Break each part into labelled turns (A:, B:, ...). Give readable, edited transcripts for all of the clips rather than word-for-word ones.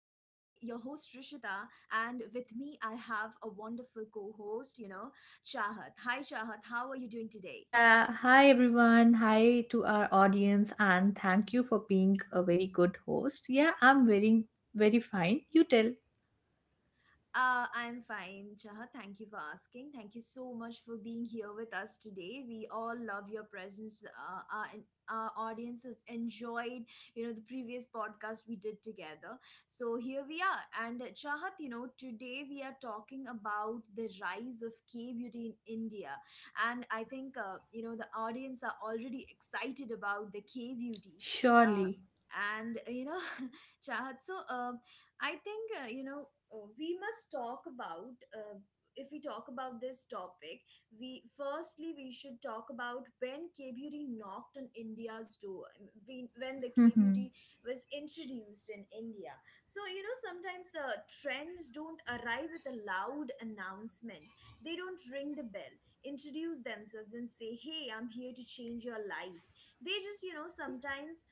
A: and with me I have a wonderful co host, Chahat. Hi, Chahat, how are you doing today?
B: Yeah, hi everyone. Hi to our audience and thank you for being a very good host. Yeah, I'm very fine. You tell.
A: I'm fine, Chaha. Thank you for asking. Thank you so much for being here with us today. We all love your presence. Our audience have enjoyed, the previous podcast we did together. So here we are. And Chahat, today we are talking about the rise of K-beauty in India. And I think, the audience are already excited about the K-beauty. Uh,
B: Surely.
A: and, uh, you know, Chahat, I think, we must talk about, if we talk about this topic, we firstly we should talk about when K-beauty knocked on India's door, when the K-beauty was introduced in India. So, sometimes trends don't arrive with a loud announcement. They don't ring the bell, introduce themselves and say, hey, I'm here to change your life. They just, sometimes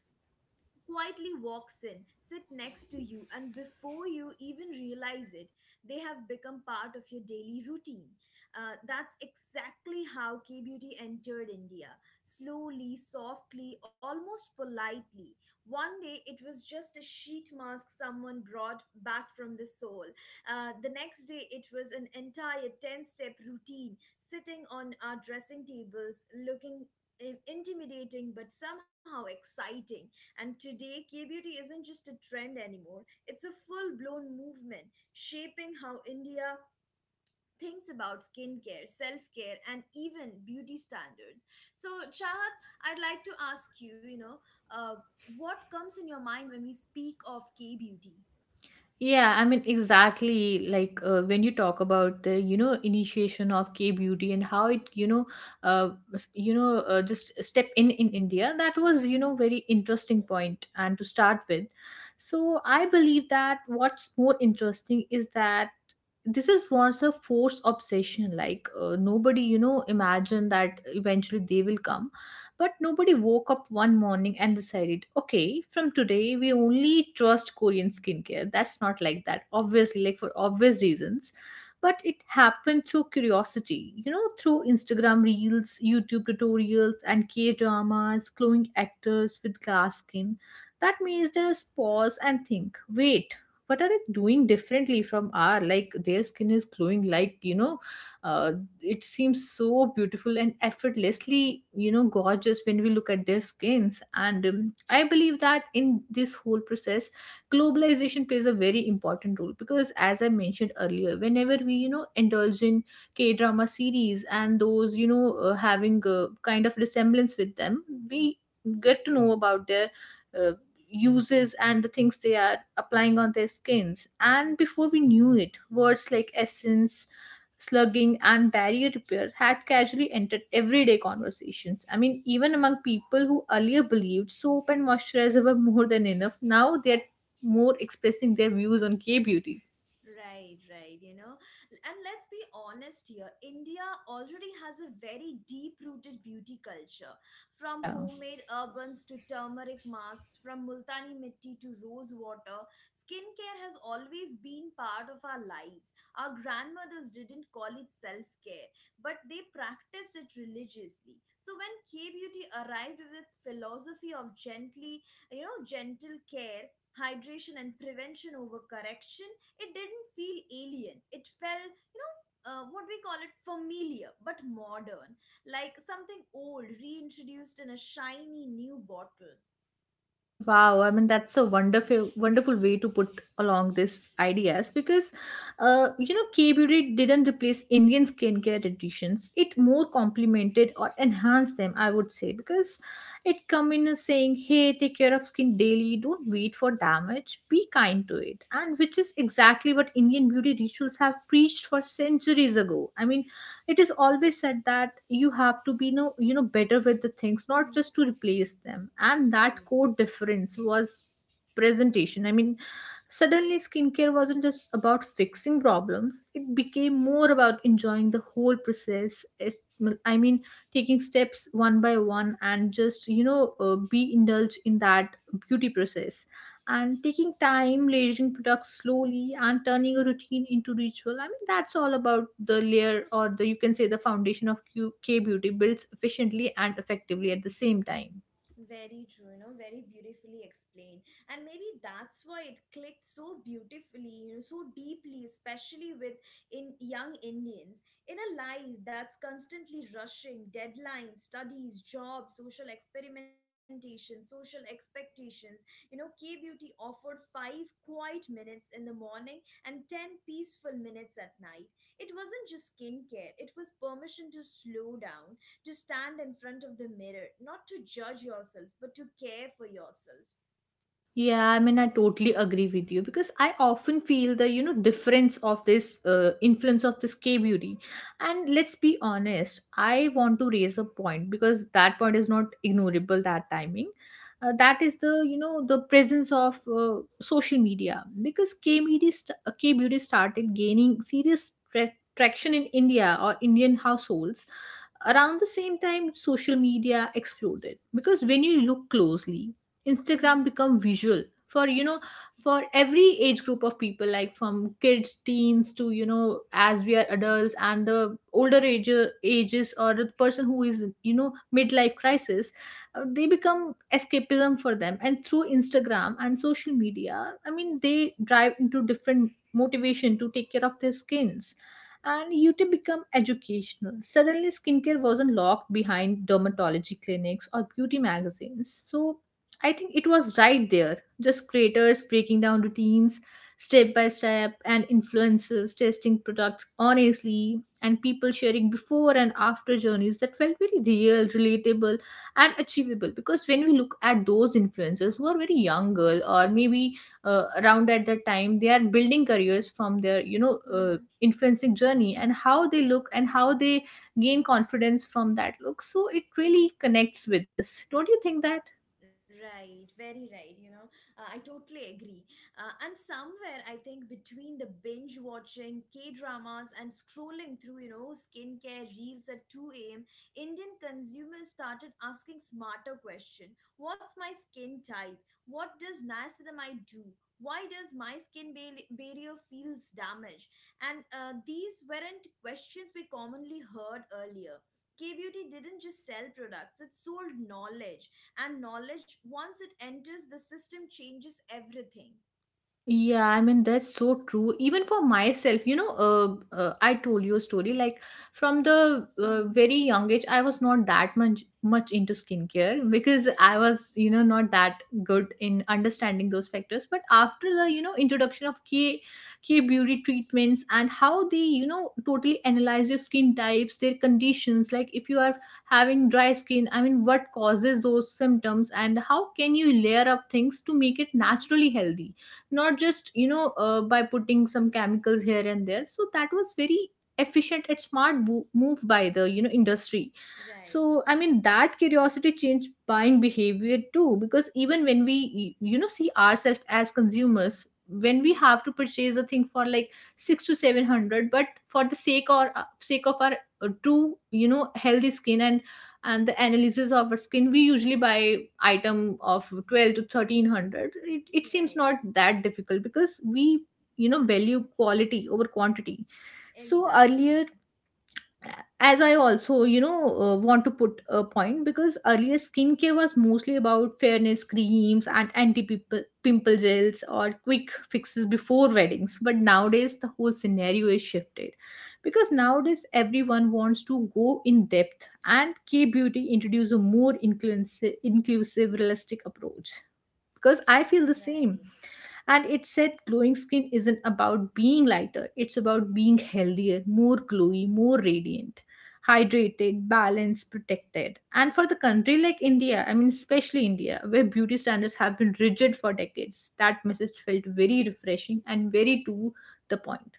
A: quietly walks in, sit next to you, and before you even realize it, they have become part of your daily routine. That's exactly how K Beauty entered India, slowly, softly, almost politely. One day it was just a sheet mask someone brought back from the soul. The next day it was an entire 10 step routine sitting on our dressing tables, looking intimidating but somehow exciting. And today, K beauty isn't just a trend anymore, it's a full blown movement shaping how India thinks about skincare, self care, and even beauty standards. So, Chahat, I'd like to ask you, uh, what comes in your mind when we speak of K beauty?
B: Yeah, I mean, exactly. When you talk about the, initiation of K beauty and how it, just a step in India. That was, you
A: Mm-hmm.
B: know, very interesting point and to start with. So I believe that what's more interesting is that this is once a forced obsession. Nobody, you know, imagine that eventually they will come, but nobody woke up one morning and decided, okay, from today we only trust Korean skincare. That's not like that, obviously, like for obvious reasons. But it happened through curiosity, you know, through Instagram reels, YouTube tutorials, and K dramas, glowing actors with glass skin. That made us pause and think, wait, what are they doing differently from our, like, their skin is glowing, like, uh, it seems so beautiful and effortlessly, you know, gorgeous when we look at their skins. And I believe that in this whole process globalization plays a very important role, because as I mentioned earlier, whenever we, you know, indulge in K drama series and those, having a kind of resemblance with them, we get to know about their uh, uses and the things they are applying on their skins. And before we knew it, words like essence, slugging, and barrier repair had casually entered everyday conversations. I mean, even among people who earlier believed soap and moisturizer were more than enough, now they are more expressing their views on K beauty.
A: Right, right, And let's be honest, here India already has a very deep rooted beauty culture. From
B: Yeah.
A: homemade urbans to turmeric masks, from Multani mitti to rose water, skincare has always been part of our lives. Our grandmothers didn't call it self care, but they practiced it religiously. So when K Beauty arrived with its philosophy of gentle care, hydration, and prevention over correction, it didn't feel alien. It felt what we call it, familiar but modern, like something old reintroduced in a shiny new bottle.
B: Wow, I mean that's a wonderful, wonderful way to put along these ideas, because, you know, K beauty didn't replace Indian skincare traditions. It more complemented or enhanced them, I would say, because it come in as saying, "Hey, take care of skin daily. Don't wait for damage. Be kind to it," and which is exactly what Indian beauty rituals have preached for centuries ago. I mean, it is always said that you have to be no, you know, better with the things, not
A: Hmm.
B: just to replace them, and that core difference was presentation. I mean, suddenly skincare wasn't just about fixing problems, it became more about enjoying the whole process. It, well, I mean, taking steps one by one and just, be indulged in that beauty process, and taking time, layering products slowly, and turning a routine into ritual. I mean, that's all about the layer, or the, you can say, the foundation of K beauty builds efficiently and effectively at the same time.
A: Very true, you know, very beautifully explained. And maybe that's why it clicked so beautifully, you know, so deeply, especially with in young Indians. In a life that's constantly rushing, deadlines, studies, jobs, social experimentation, social expectations, K Beauty offered five quiet minutes in the morning and ten peaceful minutes at night. It wasn't just skincare, it was permission to slow down, to stand in front of the mirror, not to judge yourself, but to care for yourself.
B: Yeah, I mean, I totally agree with you because I often feel the, you know, difference of this influence of this K beauty. And let's be honest, I want to raise a point because that point is not ignorable, that timing. That is the, you know, the presence of social media, because K beauty, K beauty started gaining serious traction in India or Indian households around the same time. Social media exploded because when you look closely,
A: Mm-hmm.
B: Instagram become visual for, you know, for every age group of people, like from kids, teens, to, you know, as we are adults and the older ages, or the person who is, you know, midlife crisis, they become escapism for them. And through Instagram and social media, I mean, they drive into different motivation to take care of their skins. And YouTube become educational. Suddenly, skincare wasn't locked behind dermatology clinics or beauty magazines. So, I think it was right there, just creators breaking down routines step by step, and influencers testing products honestly, and people sharing before and after journeys that felt very real, relatable, and achievable. Because when we look at those influencers who are very young girl, or maybe around at that time, they are building careers from their, influencing journey, and how they look and how they gain confidence from that look, so it really connects with us, don't you think that.
A: Right, very right. You know, I totally agree. And somewhere, I think between the binge watching K dramas and scrolling through, skincare reels at 2 a.m., Indian consumers started asking smarter question. What's my skin type? What does niacinamide do? Why does my skin barrier feels damaged? And these weren't questions we commonly heard earlier. K Beauty didn't just sell products, it sold knowledge, and knowledge, once it enters the system, changes everything.
B: Yeah, I mean, that's so true. Even for myself, you know, I told you a story, like from the
A: Mm-hmm.
B: very young age, I was not that much into skincare because I
A: Right.
B: was, you know, not that good in understanding those factors. But after the, you know, introduction of K beauty treatments, and how they, you know, totally analyze your skin types, their conditions, like if you are having dry skin, I mean, what causes those symptoms and how can you layer up things to make it
A: Mm-hmm.
B: naturally healthy, not just, by putting some chemicals here and there. So that was very efficient and smart move by the, you know, industry.
A: Right.
B: So I mean, that curiosity changed buying behavior too, because even when we, you know, see ourselves as consumers, when we
A: Mm-hmm.
B: have to purchase a thing for like 6 to 700, but for the sake, or sake of our true, you know, healthy skin and the analysis of our skin, we usually buy item of 12 to 1300. It seems
A: Right.
B: not that difficult because we, you know, value quality over quantity. So
A: Exactly.
B: earlier, as I also, you know, want to put a point, because earlier skincare was mostly about fairness creams and anti pimple gels or quick fixes before weddings. But nowadays, the whole scenario is shifted because nowadays everyone wants to go in depth, and K beauty introduce a more inclusive, realistic approach. Because I feel the same,
A: Right.
B: and it said glowing skin isn't about being lighter, it's about being healthier, more glowy, more radiant, hydrated, balanced, protected. And for the country like India, I mean, especially India, where beauty standards have been rigid for decades, that message felt very refreshing and very to the point.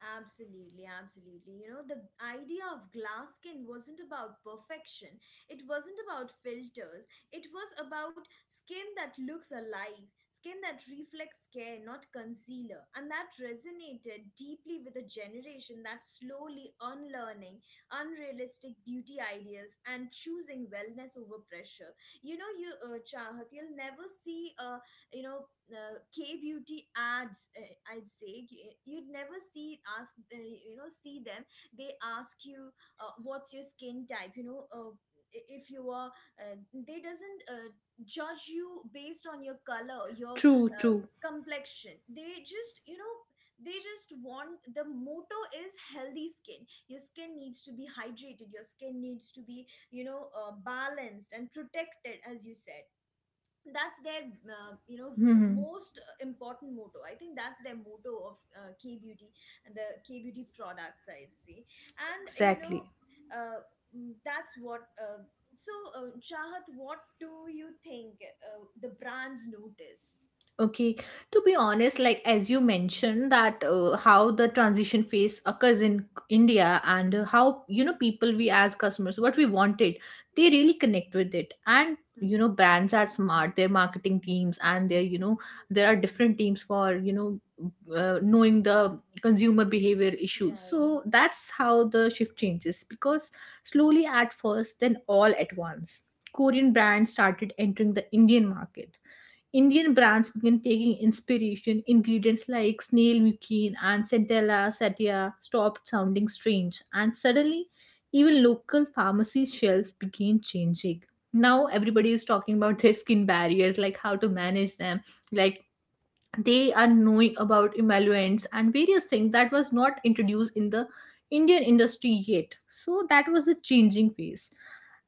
A: Absolutely, absolutely. You know, the idea of glass skin wasn't about perfection. It wasn't about filters. It was about skin that looks alive, skin that reflects care, not concealer. And that resonated deeply with a generation that's slowly unlearning unrealistic beauty ideas and choosing wellness over pressure. You know, you, Chahat, you'll never see. K beauty ads. I'd say you'd never see ask see them. They ask you what's your skin type. If you are they doesn't judge you based on your color, your
B: True,
A: uh,
B: true.
A: complexion. They just they just want, the motto is healthy skin. Your skin needs to be hydrated, your skin needs to be balanced and protected, as you said. That's their uh, you know
B: Hmm.
A: most important motto. I think that's their motto of K beauty and the K beauty products, I'd say. And
B: Exactly.
A: uh, that's what so Chahat, what do you think the brands notice?
B: Okay, to be honest, like as you mentioned that, how the transition phase occurs in India, and how, you know, people, we as customers, what we wanted, they really connect with it. And
A: Hmm.
B: you know, brands are smart, their marketing teams and their, you know, there are different teams for, you know, knowing the consumer behavior issues.
A: Right.
B: So that's how the shift changes, because slowly at first, then all at once, Korean brands started entering the Indian market. Indian brands began taking inspiration. Ingredients like snail mucin and centella sativa stopped sounding strange, and suddenly, even local pharmacy shelves began changing. Now everybody is talking about their skin barriers, like how to manage them, like they are knowing about emollients and various things that was not introduced in the Indian industry yet. So that was a changing phase.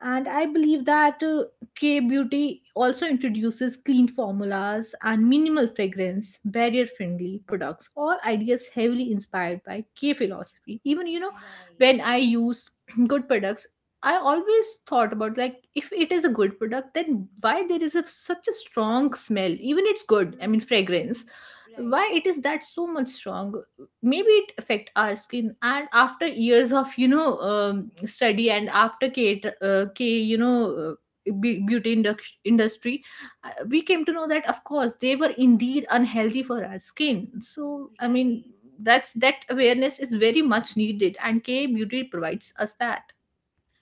B: And I believe that, K beauty also introduces clean formulas and minimal fragrance, barrier friendly products, all ideas heavily inspired by K philosophy. Even, you know, when
A: Right.
B: I use good products, I always thought about, like, if it is a good product, then why there is a, such a strong smell? Even it's good,
A: Hmm.
B: I mean
A: Hmm.
B: fragrance.
A: Right.
B: Why it is that so much strong? Maybe it affect our skin. And after years of, you know, study, and after K, you know, beauty industry, we came to know that of course they were indeed unhealthy for our skin. So I
A: Right.
B: mean, that's that awareness is very much needed, and K beauty provides us that.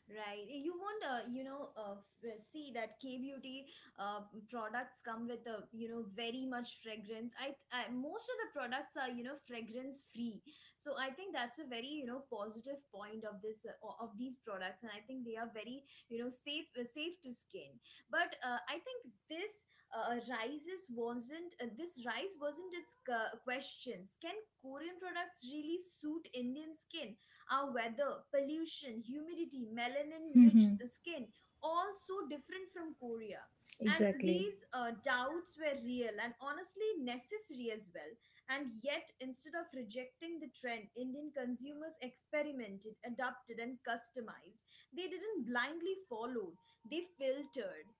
A: Right. You won't, see that K beauty products come with a, very much fragrance. I, most of the products are, fragrance free. So I think that's a very, positive point of this of these products, and I think they are very, safe safe to skin. But I think this rise wasn't its questions. Can Korean products really suit Indian skin? Our weather, pollution, humidity, melanin rich skin, all so different from Korea. And
B: Exactly.
A: these doubts were real and honestly necessary as well. And yet, instead of rejecting the trend, Indian consumers experimented, adapted, and customized. They didn't blindly follow, they filtered.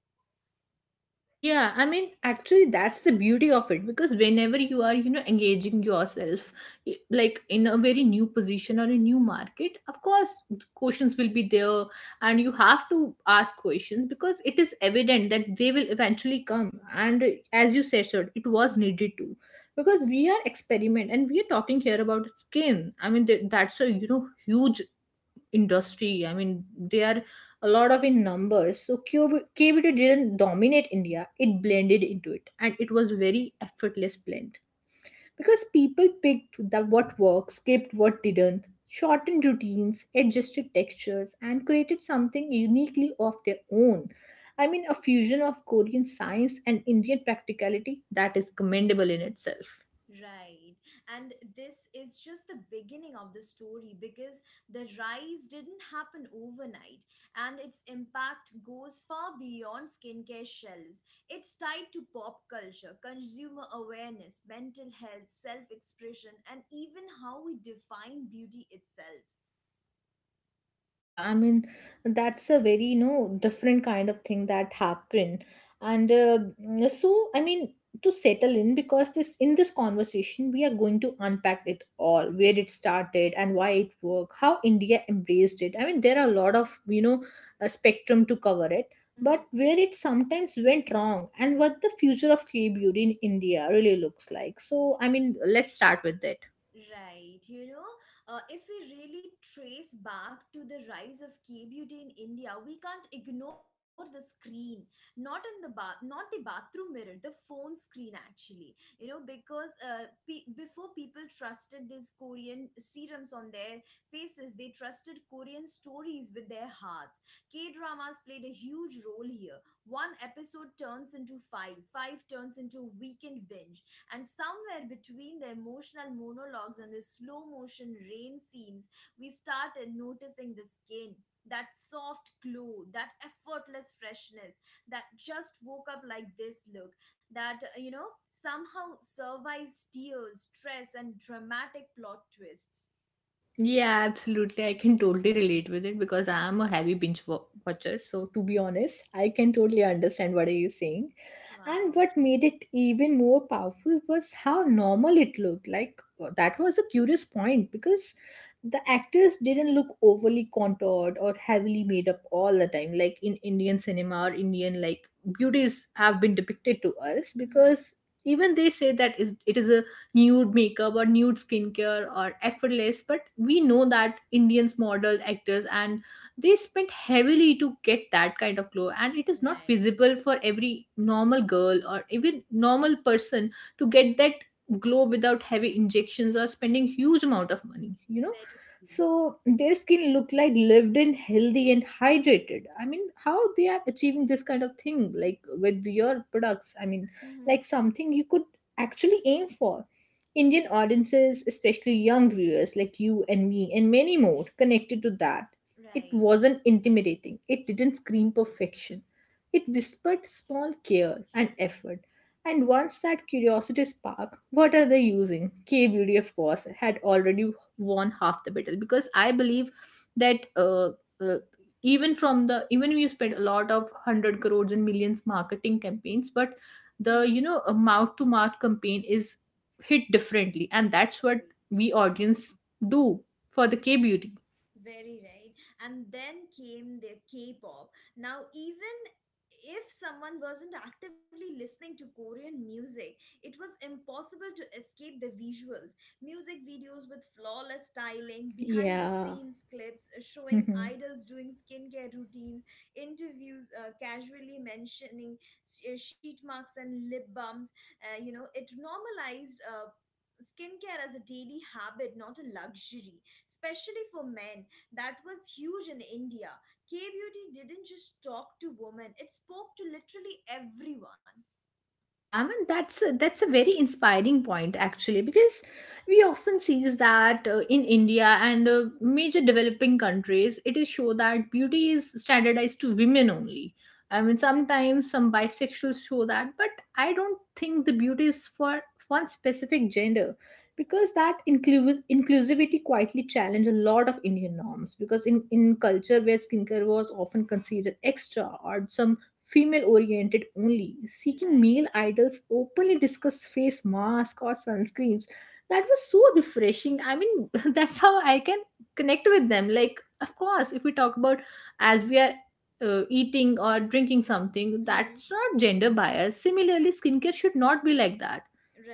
B: Yeah, I mean, actually, that's the beauty of it, because whenever you are, you know, engaging yourself, like in a very new position or a new market, of course, questions will be there, and you have to ask questions because it is evident that they will eventually come. And as you said, sir, it was needed too, because we are experiment, and we are talking here about skin. I mean, that's a, you know, huge industry. I mean, they are a lot of in numbers. So kbt didn't dominate India, it blended into it, and it was very effortless blend, because people picked that what worked, skipped what didn't, shortened routines, adjusted textures, and created something uniquely of their own. I mean, a fusion of Korean science and Indian practicality, that is commendable in itself.
A: Right. And this is just the beginning of the story, because the rise didn't happen overnight and its impact goes far beyond skincare shelves. It's tied to pop culture, consumer awareness, mental health, self expression, and even how we define beauty itself.
B: Yeah, I mean, that's a very, you know, different kind of thing that happened. And so, I mean, to settle in, because this, in this conversation, we are going to unpack it all, where it started and why it worked, how India embraced it. I mean, there are a lot of, you know, a spectrum to cover it, but where it sometimes went wrong and what the future of K-beauty in India really looks like. So, I mean, let's start with it.
A: Right, you know, if we really trace back to the rise of K beauty in India, we can't ignore the screen. Not in the bath, not the bathroom mirror, the phone screen actually. You know, because before people trusted these Korean serums on their faces, they trusted Korean stories with their hearts. K dramas played a huge role here. One episode turns into five, five turns into weekend binge, and somewhere between the emotional monologues and the slow motion rain scenes, we started noticing the skin. That soft glow, that effortless freshness, that just woke up like this look, that somehow survives tears, stress, and dramatic plot twists.
B: Yeah, absolutely. I can totally relate with it because I am a heavy watcher. So, to be honest, I can totally understand what are you saying. And
A: Wow,
B: what made
A: okay.
B: it even more powerful was how normal it looked. Like, that was a curious point because the actors didn't look overly contoured or heavily made up all the time. Like in Indian cinema or Indian, like, beauties have been depicted to us
A: Mhm.
B: because even they say it is a nude makeup or nude skincare or effortless, but we know that Indians model actors and they spent heavily to get that kind of glow, and it is not
A: Right.
B: visible for every normal girl or even normal person to get
A: Mm-hmm.
B: that glow without heavy injections or spending huge amount of money, you know.
A: Very true.
B: So their skin look like lived in, healthy and hydrated. I mean, how they are achieving this kind of thing, like with your products? I mean,
A: Mm-hmm.
B: like something you could actually aim for. Indian audiences, especially young viewers like you and me and many more, connected to that. It
A: Right.
B: wasn't intimidating. It didn't scream perfection. It whispered small care and effort. And once that curiosity spark, what are they using? K beauty, of course, had already won half the battle because I believe that uh, even from the even we spend a lot of hundred crores and millions marketing campaigns, but the,
A: Mm-hmm.
B: you know, mouth to mouth campaign is hit differently, and that's what we audience do for the K beauty.
A: Very right. And then came the K-pop. Now, even if someone wasn't actively listening to Korean music, it was impossible to escape the visuals. Music videos with flawless styling, behind the
B: Yeah.
A: scenes clips showing
B: Mhm.
A: idols doing skincare routines, interviews casually mentioning sheet marks and lip balms. It normalized skincare as a daily habit, not a luxury, especially for men. That was huge in India. K beauty didn't just talk to women, it spoke to literally everyone.
B: Yeah, I mean that's a very inspiring point actually because we often sees that in India and major developing countries it is show that beauty is standardized to women only. I mean sometimes some bisexuals show that, but I don't think the beauty is for one specific gender, because that inclusivity quietly challenge a lot of Indian norms because in culture where skincare was often considered extra or some female oriented only, seeking
A: Right.
B: male idols, openly discuss face masks or sunscreens. That was so refreshing. I mean, that's how I can connect with them. Like, of course, if we talk about as we are eating or drinking something,
A: Hmm.
B: that's not gender bias. Similarly, skincare should not be like that.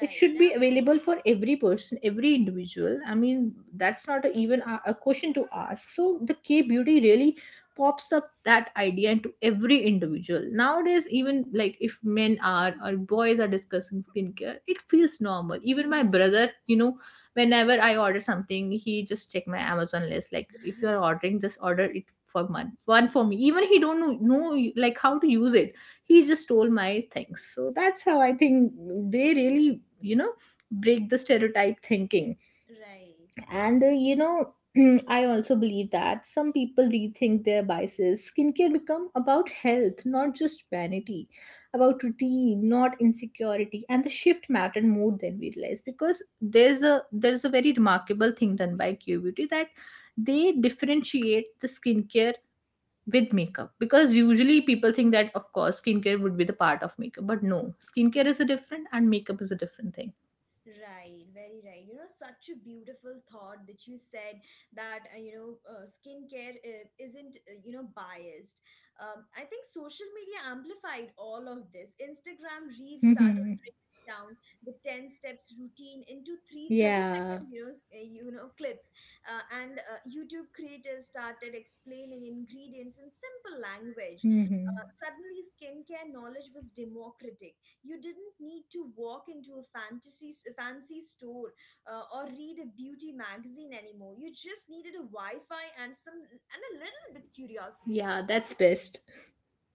B: It should be available for
A: Absolutely.
B: every person, every individual. I mean, that's not a, even a question to ask. So, the K beauty really pops up that idea into every individual nowadays, even like if men are or boys are discussing skincare it feels normal. Even my
A: Hmm.
B: brother, you know, whenever
A: Right,
B: I order something he just check my Amazon list, like if you're ordering, just order it for one. One for me, even he don't know like how to use it. He just stole my things. So that's how I think they really, you know, break the stereotype thinking.
A: right,
B: And you know, I also believe that some people rethink their biases. Skincare become about health, not just vanity, about routine, not insecurity. And the shift mattered more than we realized because there's a very remarkable thing done by Q Beauty that they differentiate the skincare with makeup, because usually people think that of course skincare would be the part of makeup, but no, skincare is a different and makeup is a different
A: right, very right. You know, such a beautiful thought that you said that, skincare isn't, biased. I think social media amplified all of this. Instagram Reels started
B: thing.
A: down the 10 steps routine into three 30
B: Yeah.
A: seconds clips and youtube creators started explaining ingredients in simple language.
B: Hmm.
A: Suddenly skincare knowledge was democratic. You didn't need to walk into a fancy store or read a beauty magazine anymore. You just needed a wi-fi and a little bit curiosity.
B: Yeah, that's best.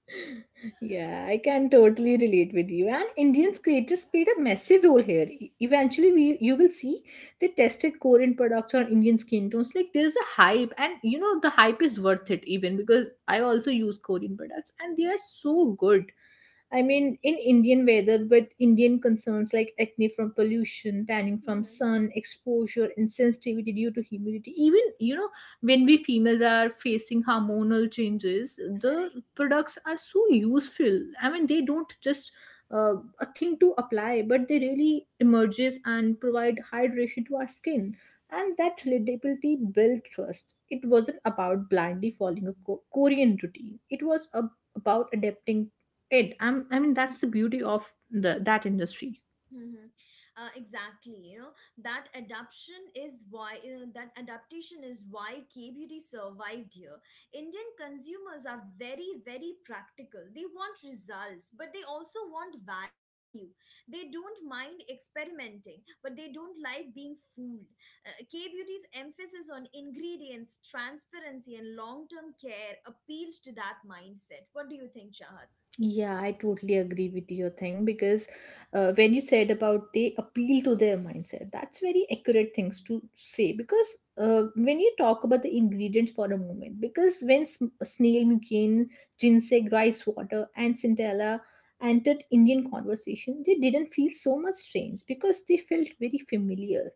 B: Yeah, I can totally relate with you. And Indian creators played a massive role here. Eventually, we you will see they tested Korean products on Indian skin tones. Like there's a hype, and you know the hype is worth it even, because I also use Korean products and they are
A: Right.
B: so good. I mean, in Indian weather, with Indian concerns like acne from pollution, tanning from
A: Hmm.
B: sun, exposure, insensitivity due to humidity, even, you know, when we females are facing hormonal changes, the
A: Right.
B: products are so useful. I mean, they don't just a thing to apply, but they really emerges and provide hydration to our skin. And that relatability built trust. It wasn't about blindly following a Korean routine. It was a about adapting it. I mean that's the beauty of the that industry.
A: Mm-hmm. Exactly, you know, that adaptation is why K beauty survived here. Indian consumers are very very practical. They want results, but they also want value. They don't mind experimenting, but they don't like being fooled. K beauty's emphasis on ingredients, transparency, and long term care appealed to that mindset. What do you think, Chahat?
B: Yeah, I totally agree with your thing because when you said about they appeal to their mindset, that's very accurate things to say, because when you talk about the ingredients for a moment, because when snail mucin, ginseng, rice water, and centella entered Indian conversation, they didn't feel so much strange because they felt very familiar.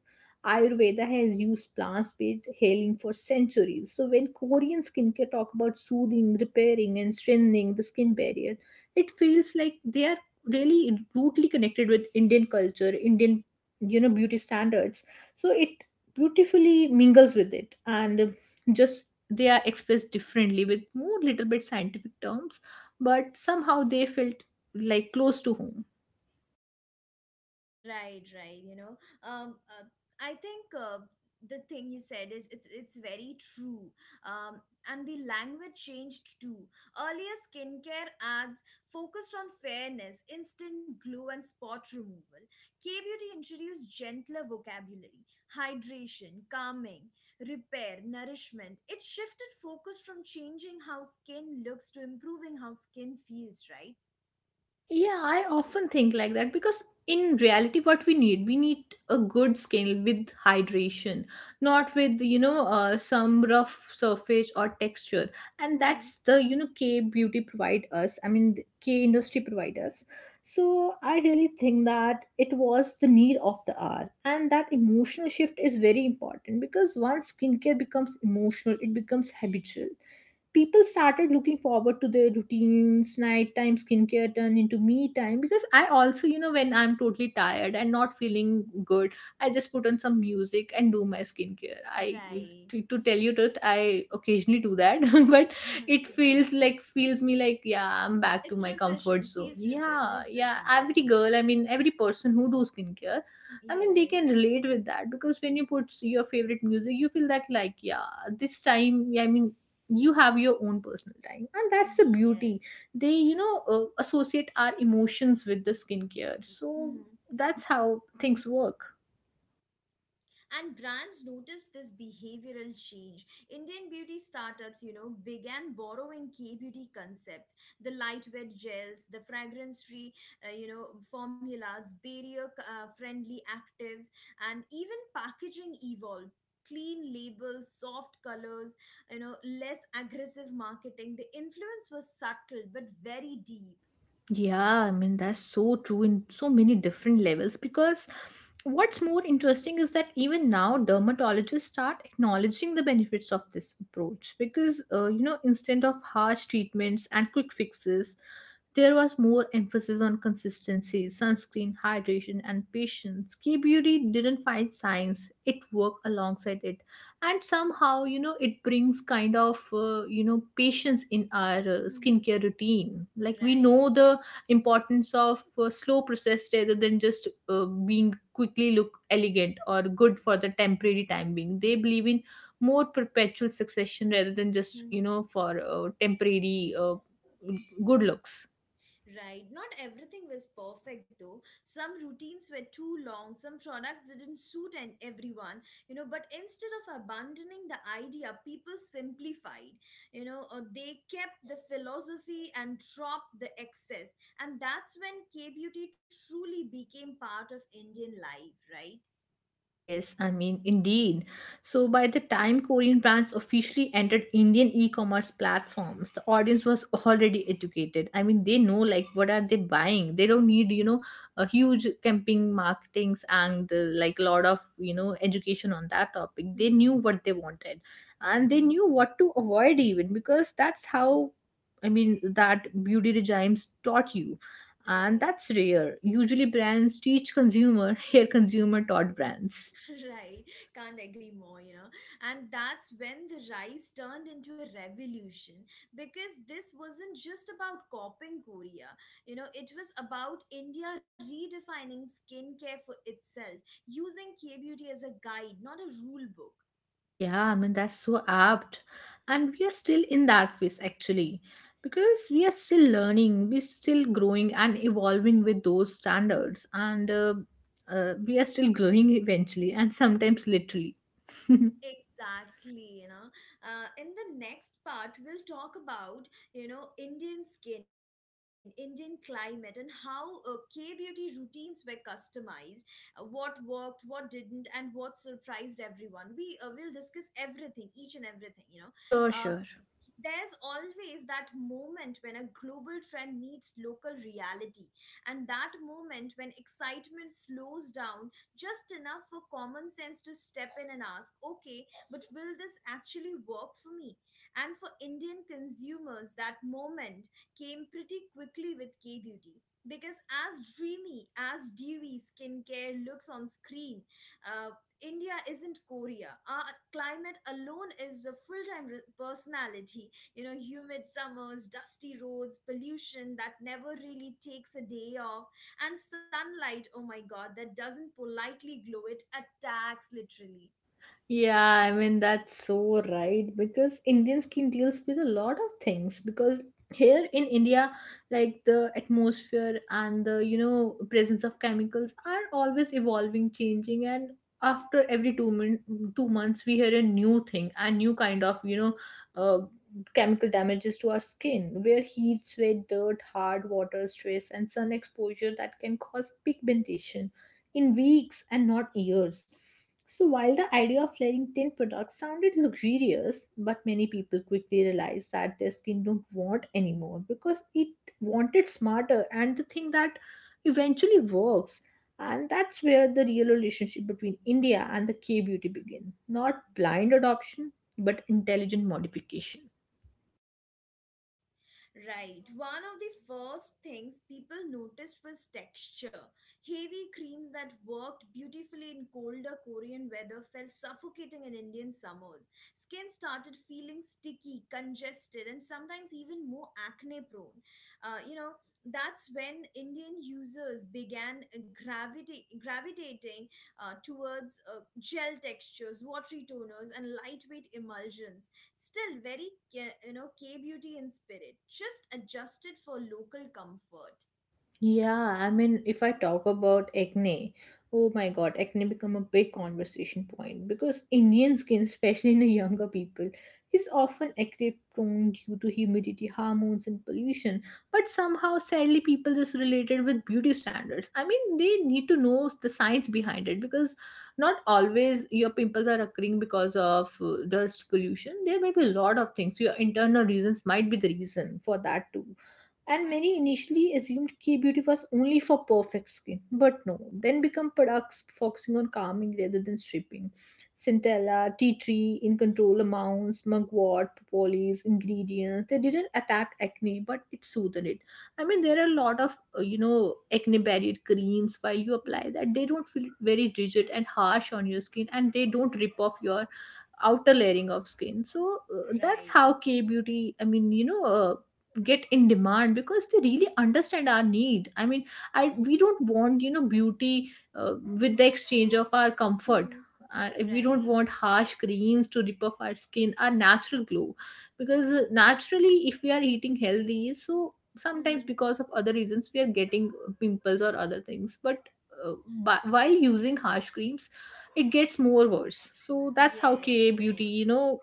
B: Ayurveda has used plant-based healing for centuries. So when Korean skincare talk about soothing, repairing, and strengthening the skin barrier, it feels like they are really rudely connected with Indian culture, Indian, you know, beauty standards. So it beautifully mingles with it, and just they are expressed differently with more little bit scientific terms, but somehow they felt like close to home.
A: Right, right. You know, um, uh, I think the thing you said is it's very true. Um, and the language changed too. Earlier, skincare ads focused on fairness, instant glow, and spot removal. K beauty introduced gentler vocabulary, hydration, calming, repair, nourishment. It shifted focus from changing how skin looks to improving how skin feels. Right.
B: Yeah, I often think like that because in reality, what we need a good skin with hydration, not with, you know, some rough surface or texture, and that's the, you know, K beauty provide us. I mean, the K industry provide us. So I really think that it was the need of the hour, and that emotional shift is very important because once skincare becomes emotional, it becomes habitual. People started looking forward to their routines. Nighttime skincare turned into me time, because I also, you know, when I'm totally tired and not feeling good, I just put on some music and do my skincare.
A: Right.
B: To tell you truth, I occasionally do that. But it
A: Okay.
B: feels like feels me like, yeah, I'm back to
A: It's
B: my comfort
A: refreshing.
B: zone.
A: Feels
B: Yeah, yeah,
A: refreshing.
B: every
A: Yes.
B: girl, I mean every person who do skincare. I mean, they can
A: Yes.
B: relate with that, because when you put your favorite music, you feel that like, yeah, this time, I mean, you have your own personal time, and that's the beauty.
A: Yes.
B: They, you know, associate our emotions with the skincare, so
A: Mhm.
B: that's how things work.
A: And brands noticed this behavioral change. Indian beauty startups, began borrowing K beauty concepts, the lightweight gels, the fragrance-free, formulas, barrier-friendly actives, and even packaging evolved. Clean labels, soft colors, less aggressive marketing. The influence was subtle but very deep.
B: Yeah, I mean, that's so true in so many different levels, because what's more interesting is that even now dermatologists start acknowledging the benefits of this approach because, you know, instead of harsh treatments and quick fixes, there was more emphasis on consistency, sunscreen, hydration, and patience. K beauty didn't fight science, it worked alongside it. And somehow, you know, it brings kind of, you know, patience in our
A: Mm-hmm.
B: skincare routine. Like we
A: Right.
B: know the importance of slow process rather than just being quickly look elegant or good for the temporary time being. They believe in more perpetual succession rather than just, you
A: Mm-hmm.
B: know, for temporary good looks.
A: Right. Not everything was perfect though. Some routines were too long, some products didn't suit and everyone, you know, but instead of abandoning the idea, people simplified. You know, they kept the philosophy and dropped the excess. And that's when K-beauty truly became part of Indian life, right?
B: Yes, I mean, indeed. So, by the time Korean brands officially entered Indian e commerce platforms, the audience was already educated. I mean, they know like what are they buying. They don't need, you know, a huge camping marketings and like a lot of, you know, education on that topic. They
A: Mm-hmm.
B: knew what they wanted and they knew what to avoid even, because that's how. I mean, that beauty regimes taught you, and
A: Right.
B: that's rare. Usually, brands teach consumer, here, consumer taught brands.
A: Right, can't agree more, you know. And that's when the rise turned into a revolution because this wasn't just about copying Korea, you know, it was about India redefining skincare for itself, using K beauty as a guide, not a rule book.
B: Yeah, I mean, that's so apt. And we are still in that phase actually, because we are still learning, we're still growing and evolving with those standards, and we are still growing eventually, and sometimes literally.
A: Exactly, you know. In the next part, we'll talk about, you know, Indian skin, Indian climate, and how K beauty routines were customized, what worked, what didn't, and what surprised everyone. We will discuss everything, each and everything, you know. Uh,
B: Sure, sure.
A: there's always that moment when a global trend meets local reality, and that moment when excitement slows down just enough for common sense to step in and ask, okay, but will this actually work for me? And for Indian consumers, that moment came pretty quickly with K Beauty. Because as dreamy as dewy skincare looks on screen, uh, India isn't Korea. Our climate alone is a full time personality. You know, humid summers, dusty roads, pollution that never really takes a day off, and sunlight, oh my god, that doesn't politely glow, it attacks literally.
B: Yeah, I mean, that's so right because Indian skin deals with a lot of things, because here in India, like the atmosphere and the, you know, presence of chemicals are always evolving, changing, and after every two months we hear a new thing, a new kind of, you know, uh, chemical damages to our skin, where heat, sweat, dirt, hard water, stress and sun exposure that can cause pigmentation in weeks and not years. So while the idea of layering 10 products sounded luxurious, but many people quickly realized that their skin don't want anymore, because it wanted smarter and the thing that eventually works. And that's where the real relationship between India and the K beauty begin. Not blind adoption, but intelligent modification.
A: Right. One of the first things people noticed was texture. Heavy creams that worked beautifully in colder Korean weather felt suffocating in Indian summers. Skin started feeling sticky, congested, and sometimes even more acne prone. You know, that's when Indian users began gravitating towards gel textures, watery toners, and lightweight emulsions. Still very you know K beauty in spirit, just adjusted for local comfort.
B: Yeah, I mean, if I talk about acne, oh my god, acne become a big conversation point because Indian skin, especially in the younger people, is often acne prone due to humidity, hormones, and pollution. But somehow, sadly, people just related with beauty standards. I mean, they need to know the science behind it because not always your pimples are occurring because of dust pollution. There may be a lot of things. Your internal reasons might be the reason for that too. And many initially assumed K beauty was only for perfect skin, but no, then become products focusing on calming rather than stripping. Centella, tea tree, in control amounts, mugwort, propolis, ingredients. They didn't attack acne, but it soothed it. I mean, there are a lot of acne barrier creams while you
A: Mm-hmm.
B: apply that they don't feel very rigid and harsh on your skin, and they don't rip off your outer layering of skin, so that's
A: Right.
B: how K beauty, get in demand because they really understand our need. I we don't want beauty with the exchange of our comfort.
A: Mm-hmm.
B: We
A: Right.
B: don't want harsh creams to rip off our skin, our natural glow, because naturally, if we are eating healthy, so sometimes
A: Mm-hmm.
B: because of other reasons we are getting pimples or other things, but while using harsh creams it gets more worse. So that's how ka
A: Yes, right.
B: beauty,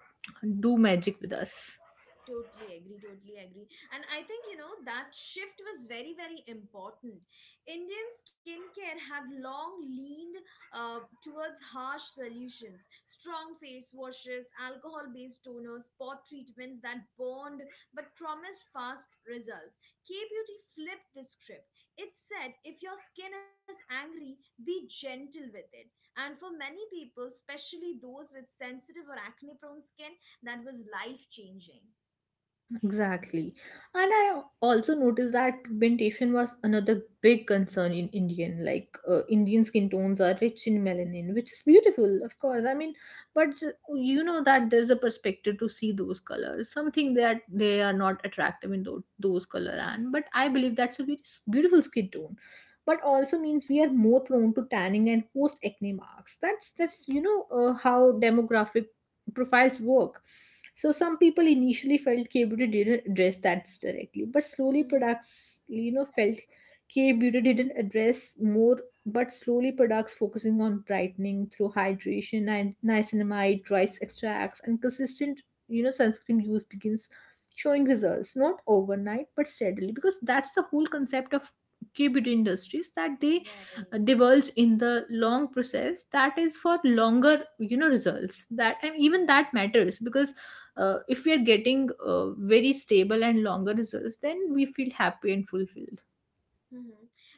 B: do magic with us.
A: Totally agree, totally agree. And I think, you know, that shift was very, very important. Indian skincare had long leaned towards harsh solutions, strong face washes, alcohol based toners, pot treatments that burned but promised fast results. K Beauty flipped the script. It said, if your skin is angry, be gentle with it. And for many people, especially those with sensitive or acne prone skin, that was life changing.
B: Exactly. And I also noticed that pigmentation was another big concern in Indian. Like, Indian skin tones are rich in melanin, which is beautiful, of course. I mean, but you know that there's a perspective to see those colors, something that they are not attractive in those color. And but I believe that's a very beautiful skin tone, but also means we are more prone to tanning and post acne marks. That's how demographic profiles work. So some people initially felt K-beauty didn't address that directly, but slowly
A: Mhm.
B: products, you know, felt K-beauty didn't address more, but slowly products focusing on brightening through hydration and niacinamide, rice extracts, and consistent, you know, sunscreen use begins showing results, not overnight, but steadily, because that's the whole concept of K-beauty industries that they
A: Right,
B: divulge in the long process that is for longer, you know, results. That and even that
A: right.
B: matters because if we are getting very stable and longer results, then we feel happy and fulfilled.
A: hmm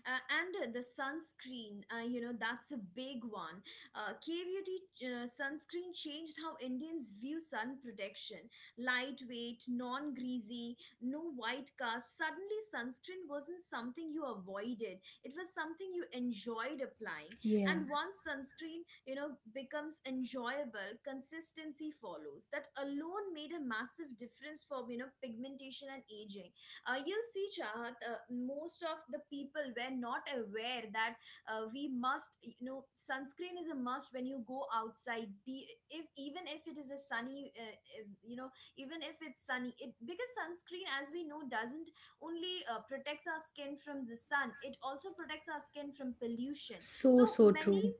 A: and the sunscreen, you know, that's a big one. K-beauty sunscreen changed how Indians view sun protection. Lightweight, non-greasy, no white cast. Suddenly, sunscreen wasn't something you avoided. It was something you enjoyed applying.
B: Yeah.
A: And once sunscreen, you know, becomes enjoyable, consistency follows. That alone made a massive difference for, you know, pigmentation and aging. You'll see Chahat, most of the people were not aware that we must you know sunscreen is a must when you go outside be if even if it is a sunny you know, even if it's sunny it because sunscreen as we know doesn't only protects our skin from the sun, it also protects our skin from pollution. So
B: So so
A: many.
B: true.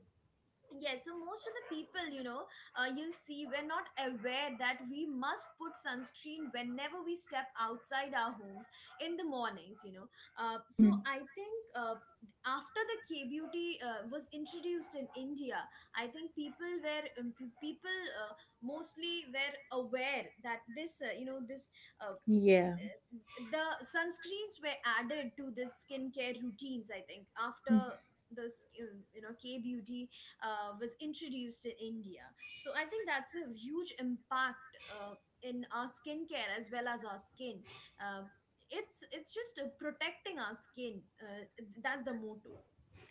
A: Yes, so most of the people, you know, you'll see we're not aware that we must put sunscreen whenever we step outside our homes in the mornings, you know. So I think after the K beauty was introduced in India, I think people were people uh, mostly were aware that this, you know, this uh,
B: Yeah.
A: the sunscreens were added to the skincare routines. I think after you know, K beauty was introduced in India, so I think that's a huge impact in our skincare as well as our skin. uh, it's just protecting our skin. That's the motto.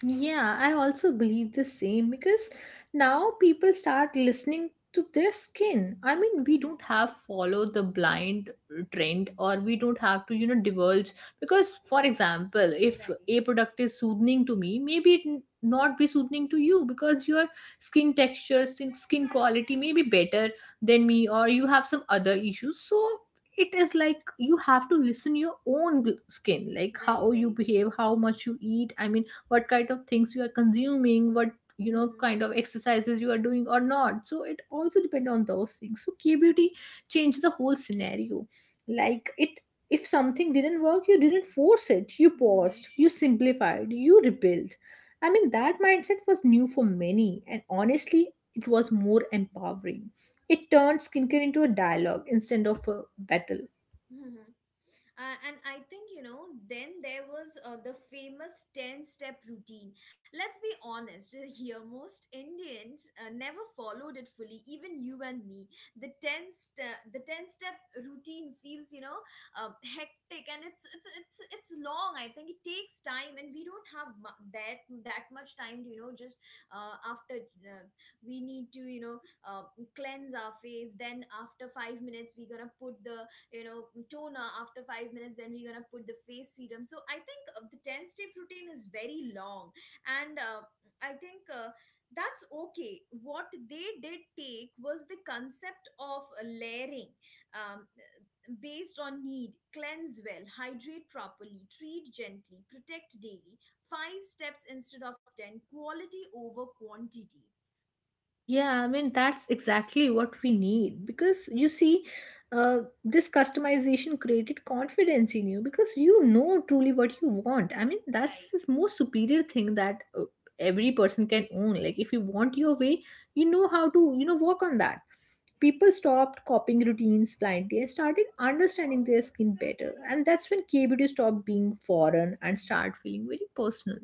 B: Yeah, I also believe the same because now people start listening to their skin. I mean, we
A: hmm
B: don't have follow the blind trend, or we don't have to, you know, divulge because, for example, if
A: right
B: a product is soothing to me, maybe it not be soothing to you because your skin texture, skin quality may be better than me, or you have some other issues. So it is like you have to listen your own skin, like
A: very
B: how you
A: very true
B: behave, how much you eat. I mean, what kind of things you are consuming, what,
A: hmm
B: you know, kind of exercises you are doing or not. So it also depend on those things. So K beauty changed the whole scenario. Like, it, if something didn't work, you didn't force it, you
A: hmm
B: paused, you simplified, you rebuilt. I mean, that mindset was new for many, and honestly, it was more empowering. It turned skincare into a dialogue instead of a battle.
A: hmm and I think, you know, then there was the famous 10 step routine. Let's be honest here, most Indians never followed it fully, even you and me. The 10 step routine feels, you know, hectic and it's long. I think it takes time and we don't have that much time to, you know, just after uh, we need to, you know, uh, cleanse our face. Then after 5 minutes, we're going to put the, you know, toner. After 5 minutes, then we're gonna put the face serum. So I think the 10 step routine is very long, and I think that's okay. What they did take was the concept of layering um, based on need. Cleanse well, hydrate properly, treat gently, protect daily. Five steps instead of 10. Quality over quantity.
B: Yeah, I mean, that's exactly what we need because you see, this customization created confidence in you because you know truly what you want. I mean, that's the most superior thing that every person can own. Like, if you want your way, you know how to, you know, work on that. People stopped copying routines blindly and started understanding their skin better. And that's when KBD stopped being foreign and start feeling very personal.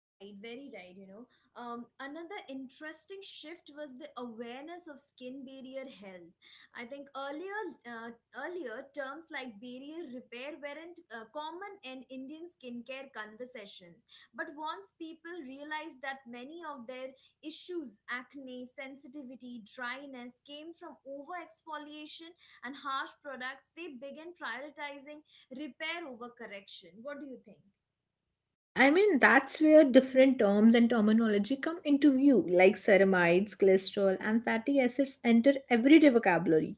A: Right, very right, you know. Another interesting shift was the awareness of skin barrier health. I think earlier terms like barrier repair weren't common in Indian skincare conversations. But once people realized that many of their issues, acne, sensitivity, dryness came from over exfoliation and harsh products, they began prioritizing repair over correction. What do you think?
B: I mean, that's where different terms and terminology come into view, like ceramides, glycerol, and fatty acids enter everyday vocabulary,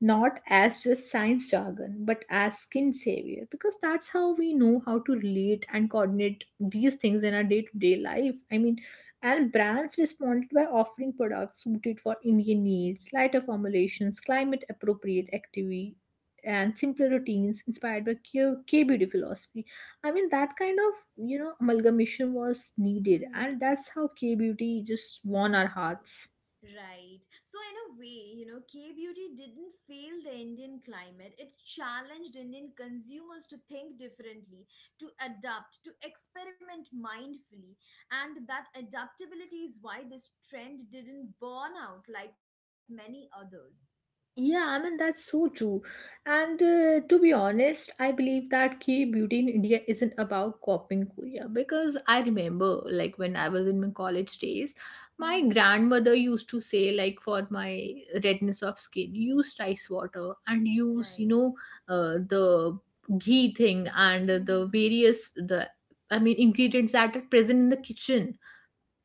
B: not as just science jargon, but as skin savior, because that's how we know how to relate and coordinate these things in our day to day life. I mean, and brands responded by offering products suited for Indian needs, lighter formulations, climate appropriate activity, and simpler routines inspired by K beauty philosophy. I mean, that kind of, you know, amalgamation was needed, and that's how K beauty just won our hearts.
A: Right. So, in a way, you know, K beauty didn't fail the Indian climate. It challenged Indian consumers to think differently, to adapt, to experiment mindfully. And that adaptability is why this trend didn't burn out like many others.
B: Yeah, I mean, that's so true. And to be honest, I believe that K beauty in India isn't about copying Korea because I remember, like, when I was in my college days, my
A: Mm-hmm.
B: grandmother used to say, like, for my redness of skin, use rice water and use, you
A: Right.
B: know, the ghee thing and the
A: Mm-hmm.
B: various, the, I mean, ingredients that are present in the kitchen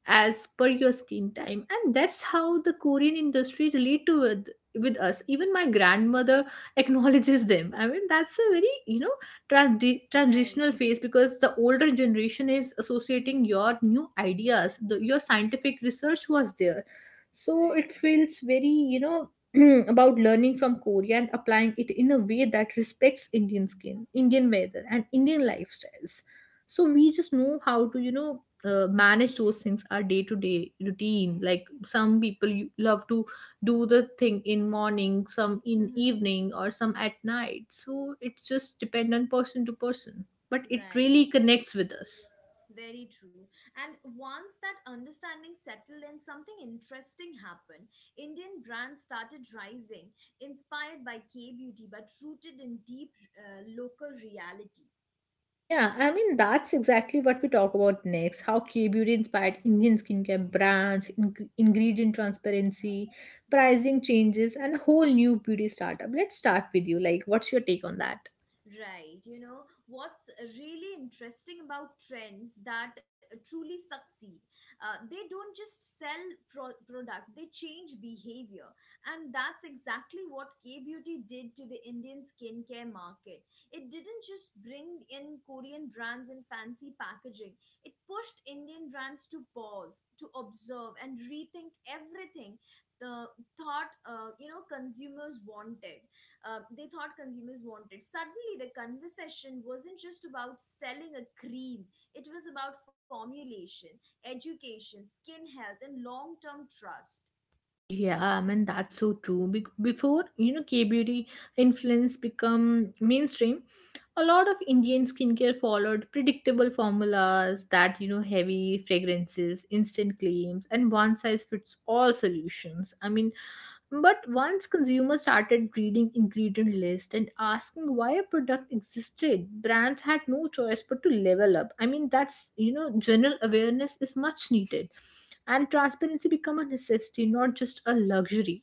B: as per your screen time, and that's how the Korean industry relate to with us. Even my grandmother acknowledges them. I mean, that's a very, you know, transitional
A: Right.
B: phase because the older generation is associating
A: Mm-hmm.
B: your new ideas, the, your scientific research was there. So it
A: Right.
B: feels very, you know, about learning from Korea and applying it in a way that respects Indian skin, Indian weather, and Indian lifestyles. So we just know how to, you know, manage those things, our day to day routine, like some people you love to do the thing in morning, some in
A: Mm-hmm.
B: evening, or some at night. So it's just depend on person to person, but it really
A: Right.
B: connects with us.
A: Very true. And once that understanding settled in, something interesting happened. Indian brands started rising, inspired by K beauty, but rooted in deep local reality.
B: Yeah, I mean, that's exactly what we talk about next. How K Beauty inspired Indian skincare brands, ingredient transparency, pricing changes, and a whole new beauty startup. Let's start with you. Like, what's your take on that?
A: Right, you know, what's really interesting about trends that truly succeed, they don't just sell product, they change behavior. And that's exactly what K Beauty did to the Indian skincare market. It didn't just bring in Korean brands in fancy packaging, it pushed Indian brands to pause, to observe, and rethink everything the thought, uh, you know, consumers wanted they thought consumers wanted. Suddenly, the conversation wasn't just about selling a cream, it was about formulation, education, skin health, and long term trust.
B: Yeah, I mean that's so true. Before you know K beauty influence become mainstream, a lot of Indian skincare followed predictable formulas that you know, heavy fragrances, instant claims, and one size fits all solutions. I mean, but once consumers started reading ingredient list and asking why a product existed, brands had no choice but to level up. I mean, that's, you know, general awareness is much needed, and transparency become a necessity, not just a luxury.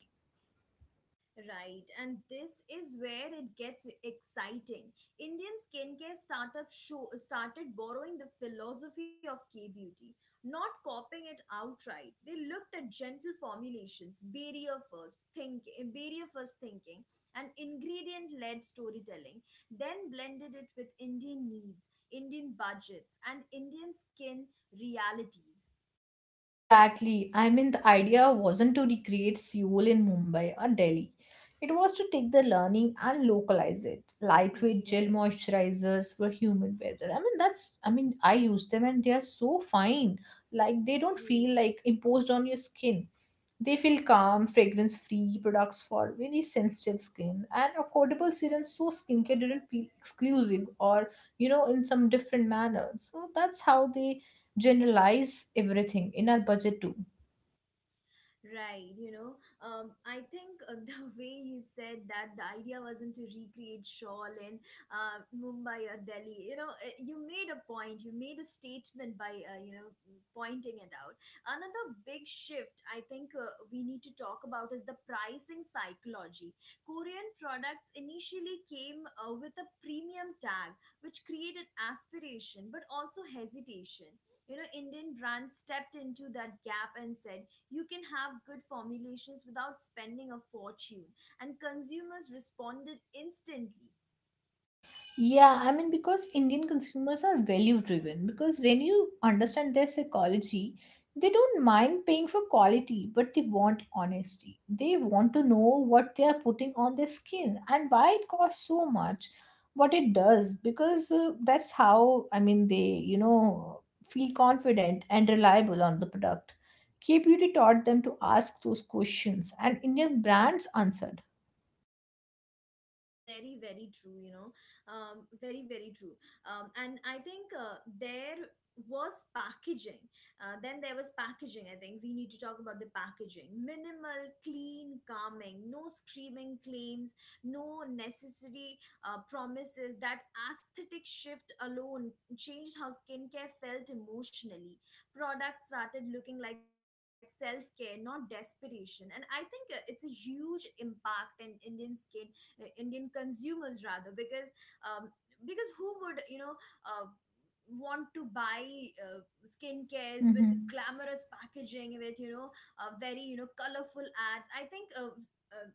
A: Right, and this is where it gets exciting. Indian skincare startup show started borrowing the philosophy of K beauty, not copying it outright. They looked at gentle formulations, barrier first thinking, and ingredient led storytelling. Then blended it with Indian needs, Indian budgets, and Indian skin realities.
B: Exactly. I mean, the idea wasn't to recreate Seoul in Mumbai or Delhi. It was to take the learning and localize it. Lightweight
A: Very
B: gel
A: right,
B: moisturizers for humid weather. I mean, that's, I mean, I use them and they are so fine. Like, they don't feel
A: true.
B: like imposed on your skin. They feel calm, fragrance free products for very sensitive skin and affordable serums, so skincare didn't feel exclusive or, you know, in some different manner. So that's how they generalize everything in our budget too.
A: Right, you know, I think the way you said that the idea wasn't to recreate shawl in Mumbai or Delhi. You know, you made a point. You made a statement by you know pointing it out. Another big shift I think we need to talk about is the pricing psychology. Korean products initially came with a premium tag, which created aspiration but also hesitation. You know, Indian brands stepped into that gap and said you can have good formulations without spending a fortune. And consumers responded instantly.
B: Yeah, I mean, because Indian consumers are value driven, because when you understand their psychology, they don't mind paying for quality, but they want honesty. They want to know what they are putting on their skin and why it costs so much, what it does, because that's how, I mean, they, you know, feel confident and reliable on the product. K Beauty taught them to ask those questions, and Indian brands answered.
A: Very, very true, you know. Um, very, very true. Um and I think there was packaging Then there was packaging. I think we need to talk about the packaging. Minimal, clean, calming. No screaming claims, no necessary promises. That aesthetic shift alone changed how skincare felt emotionally. Products started looking like self-care, not desperation. And I think it's a huge impact in Indian skin Indian consumers rather, um, because who would, you know, uh, want to buy uh, skincares with
B: Mhm.
A: glamorous packaging with, you know, very, you know, colorful ads. I think uh,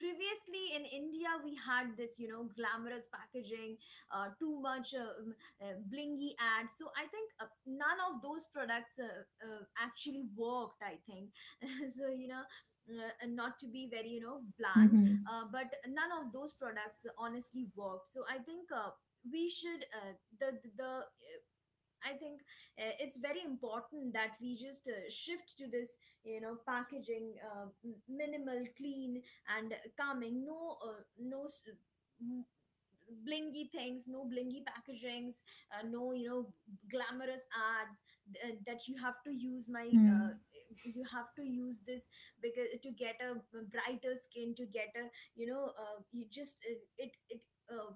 A: previously in India, we had this, you know, glamorous packaging, too much blingy ad. So I think none of those products actually worked, I think. So, you know, and not to be very, you know, bland,
B: Mm-hmm.
A: but none of those products honestly worked. So I think. We should the I think it's very important that we just shift to this, you know, packaging, minimal, clean, and calming. No m- blingy things, no blingy packagings, no, you know, glamorous ads that you have to use
B: Hmm.
A: you have to use this because to get a brighter skin, to get a, you know, you just it it. Uh,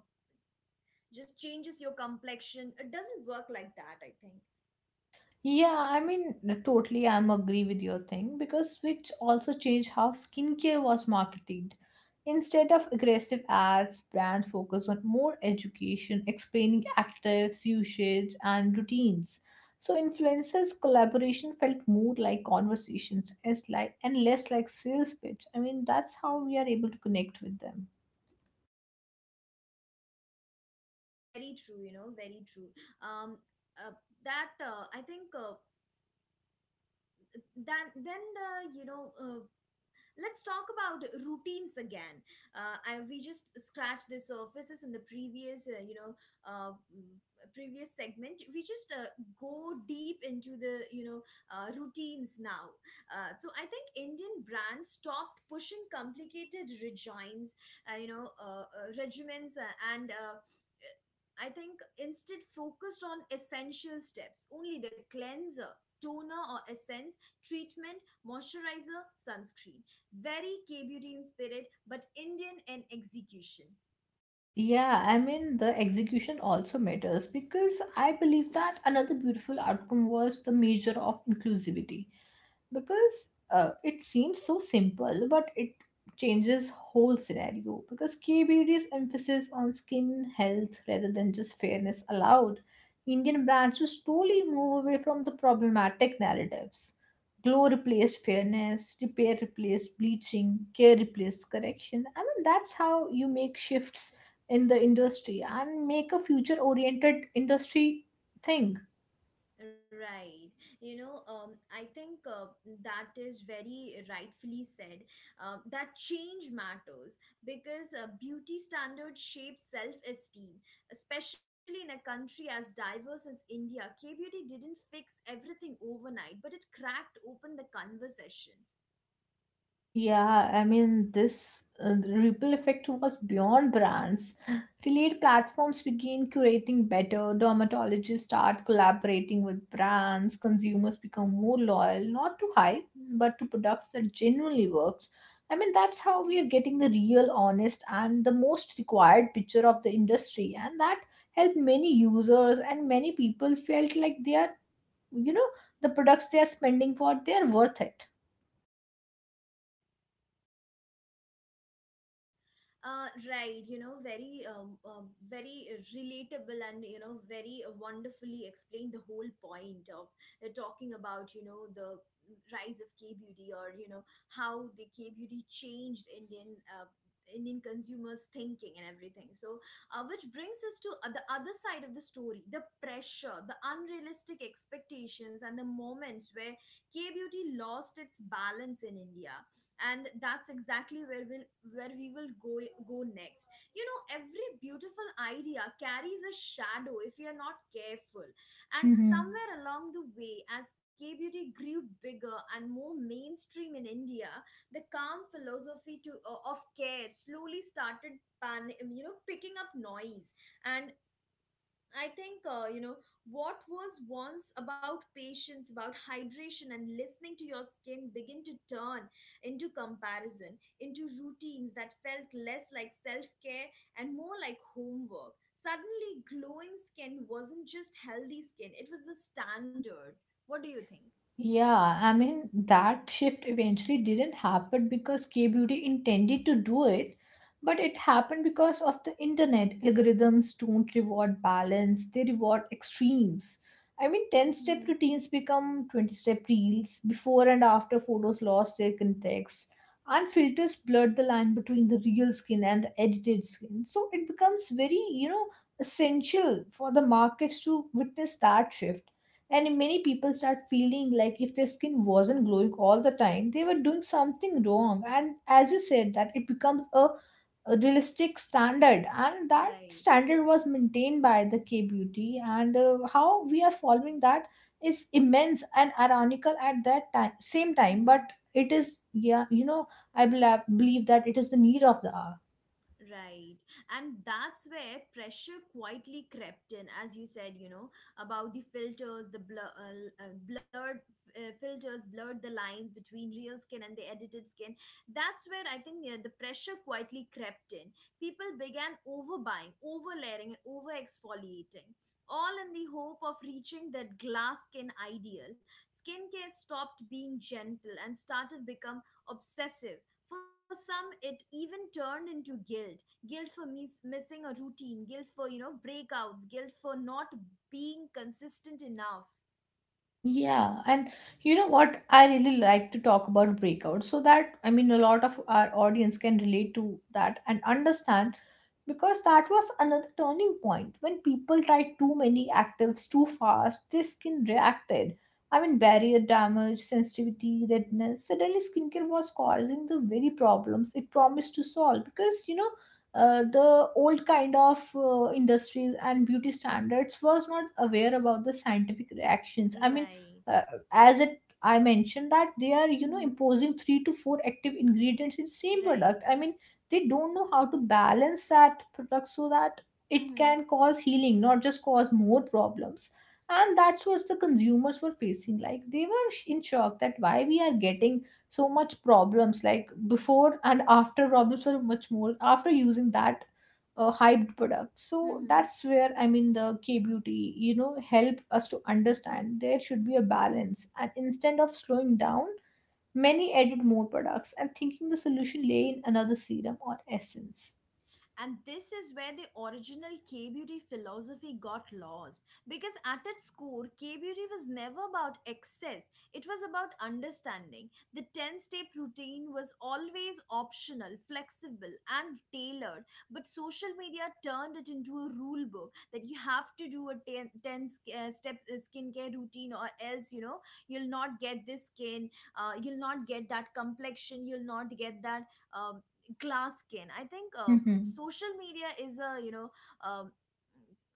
A: just changes your complexion. It doesn't work like that, I think.
B: Yeah, I mean, totally, I'm agree with your thing because which also changed how skincare was marketed. Instead of aggressive ads, brands focused on more education, explaining actives, usage, and routines. So influencers' collaboration felt more like conversations, as like and less like sales pitch. I mean, that's how we are able to connect with them.
A: Very true, you know, very true. Um uh, that I think then the you know Let's talk about routines again. I, we just scratched the surfaces in the previous, uh, mm, previous segment. We just go deep into the, you know, routines now. So I think Indian brands stopped pushing complicated regimes, regimens, and I think instead focused on essential steps, only the cleanser, toner or essence, treatment, moisturizer, sunscreen. Very K beauty in spirit, but Indian in execution.
B: Yeah, I mean, the execution also matters because I believe that another beautiful outcome was the measure of inclusivity because it seems so simple, but it changes whole scenario because K B KBD's emphasis on skin health rather than just fairness allowed Indian brands to slowly move away from the problematic narratives. Glow replaced fairness, repair replaced bleaching, care replaced correction. I mean, that's how you make shifts in the
A: hmm
B: industry and make a future oriented industry thing.
A: Right. You know, I think that is very rightfully said. That change matters because beauty standards shape self esteem, especially in a country as diverse as India. K beauty didn't fix everything overnight, but it cracked open the conversation.
B: Yeah, I mean, this ripple effect was beyond brands, relate platforms begin curating better, dermatologists start collaborating with brands, consumers become more loyal, not to hype but to products that genuinely worked. I mean, that's how we are getting the real honest and the most required picture of the industry, and that helped many users, and many people felt like they are, you know, the products they are spending for they are worth it.
A: Right you know very very Relatable, and you know very wonderfully explained the whole point of talking about, you know, the rise of K beauty, or you know how the K beauty changed Indian consumers' thinking and everything. So, which brings us to the other side of the story, the pressure, the unrealistic expectations, and the moments where K beauty lost its balance in India, and that's exactly where we will go next. You know, every beautiful idea carries a shadow if we are not careful. And
B: Mm-hmm.
A: somewhere along the way, as K beauty grew bigger and more mainstream in India, the calm philosophy to of care slowly started pan, you know picking up noise. And I think what was once about patience, about hydration and listening to your skin begin to turn into comparison, into routines that felt less like self care and more like homework. Suddenly, glowing skin wasn't just healthy skin, it was a standard. What do you think?
B: Yeah, I mean, that shift eventually didn't happen because K Beauty intended to do it, but it happened because of the internet. Algorithms don't reward balance, they reward extremes. I mean, 10 step
A: Hmm.
B: routines become 20 step reels. Before and after photos lost their context, and filters blurred the line between the real skin and the edited skin. So it becomes very, you know, essential for the markets to witness that shift, and many people start feeling like if their skin wasn't glowing all the time they were doing something wrong. And as you said that, it becomes a realistic standard, and that
A: Right.
B: standard was maintained by the K beauty, and how we are following that is immense and ironical at that time same time.
A: Mhm.
B: But it is, yeah, you know, I believe that it is the need of the hour.
A: Right. And that's where pressure quietly crept in, as you said, you know, about the filters, the blur, l- blurred f- filters, blurred the lines between real skin and the edited skin. That's where I think the pressure quietly crept in. People began overbuying, overlayering, and over exfoliating, all in the hope of reaching that glass skin ideal. Skincare stopped being gentle and started become obsessive. For some, it even turned into guilt, guilt for missing a routine, guilt for, you know, breakouts, guilt for not being consistent enough.
B: Yeah, and you know what? I really like to talk about breakouts so that a lot of our audience can relate to that and understand because that was another turning point when people tried too many actives too fast, their skin reacted. Barrier damage, sensitivity, redness, suddenly skincare was causing the very problems it promised to solve because the old kind of industries and beauty standards was not aware about the scientific reactions.
A: Right.
B: Uh, as it I mentioned that they are
A: Hmm.
B: imposing three to four active ingredients in same
A: Right.
B: product. They don't know how to balance that product so that it
A: Hmm.
B: can cause healing, not just cause more problems. And that's what the consumers were facing, like they were in shock that why we are getting so much problems like before, and after problems were much more after using that hyped product. So
A: Hmm.
B: that's where, the K beauty, help us to understand there should be a balance, and instead of slowing down, many added more products and thinking the solution lay in another serum or essence.
A: And this is where the original K beauty philosophy got lost. Because at its core, K beauty was never about excess, it was about understanding. The 10 step routine was always optional, flexible, and tailored, but social media turned it into a rule book that you have to do a ten step skincare routine, or else, you know, you'll not get this skin, you'll not get that complexion, you'll not get that. Um, Glass skin, I think social media is a, you know, um,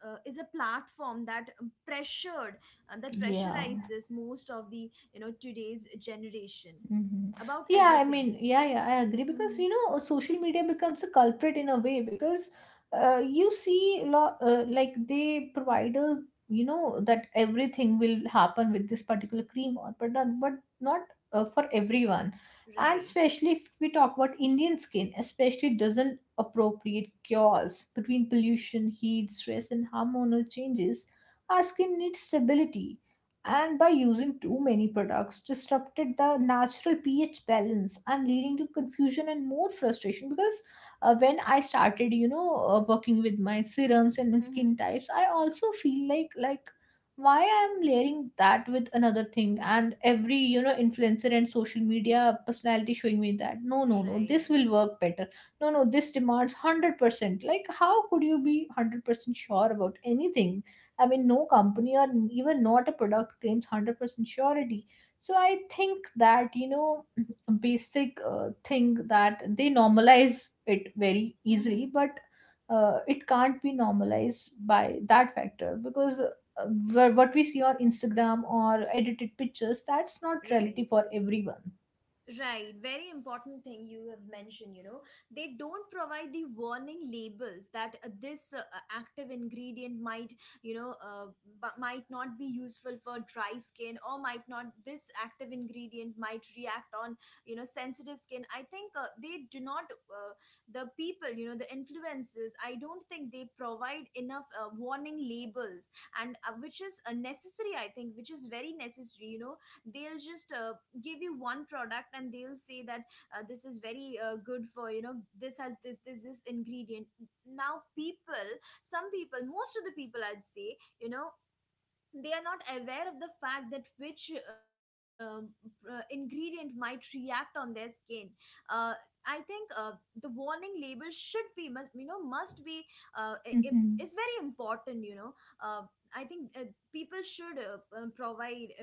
A: is a platform that pressured, and that
B: Yeah.
A: pressurizes most of the, you know, today's generation
B: Hmm.
A: about
B: Yeah,
A: everything.
B: I agree, because,
A: Hmm.
B: social media becomes a culprit in a way, because you see a lot, like they provide a that everything will happen with this particular cream or but not for everyone, and
A: Right.
B: especially if we talk about Indian skin, especially doesn't appropriate cures between pollution, heat, stress, and hormonal changes. Our skin needs stability, and by using too many products disrupted the natural pH balance and leading to confusion and more frustration, because when I started, working with my serums and my skin
A: Hmm.
B: types, I also feel like why I'm layering that with another thing, and every, influencer and social media personality showing me that no, no, no, this
A: Right.
B: will work better, no, no, this demands 100%. Like, how could you be 100% sure about anything? I mean, no company or even not a product claims 100% surety. So I think that, basic thing that they normalize it very easily,
A: Hmm.
B: but it can't be normalized by that factor, because what we see on Instagram or edited pictures, that's not
A: Right.
B: reality for everyone.
A: Right, very important thing you have mentioned, you know. They don't provide the warning labels that this active ingredient might, you know, but might not be useful for dry skin, or might not, this active ingredient might react on, you know, sensitive skin. I think they do not the people, you know, the influencers, I don't think they provide enough warning labels, and which is necessary, I think, which is very necessary, you know. They'll just give you one product and they'll say that this is very good for, you know, this has this, this, this ingredient. Now people, some people, most of the people, I'd say, you know, they are not aware of the fact that which ingredient might react on their skin. uh, I think the warning label should be must, you know, must be it's very important, you know. uh, I think people should provide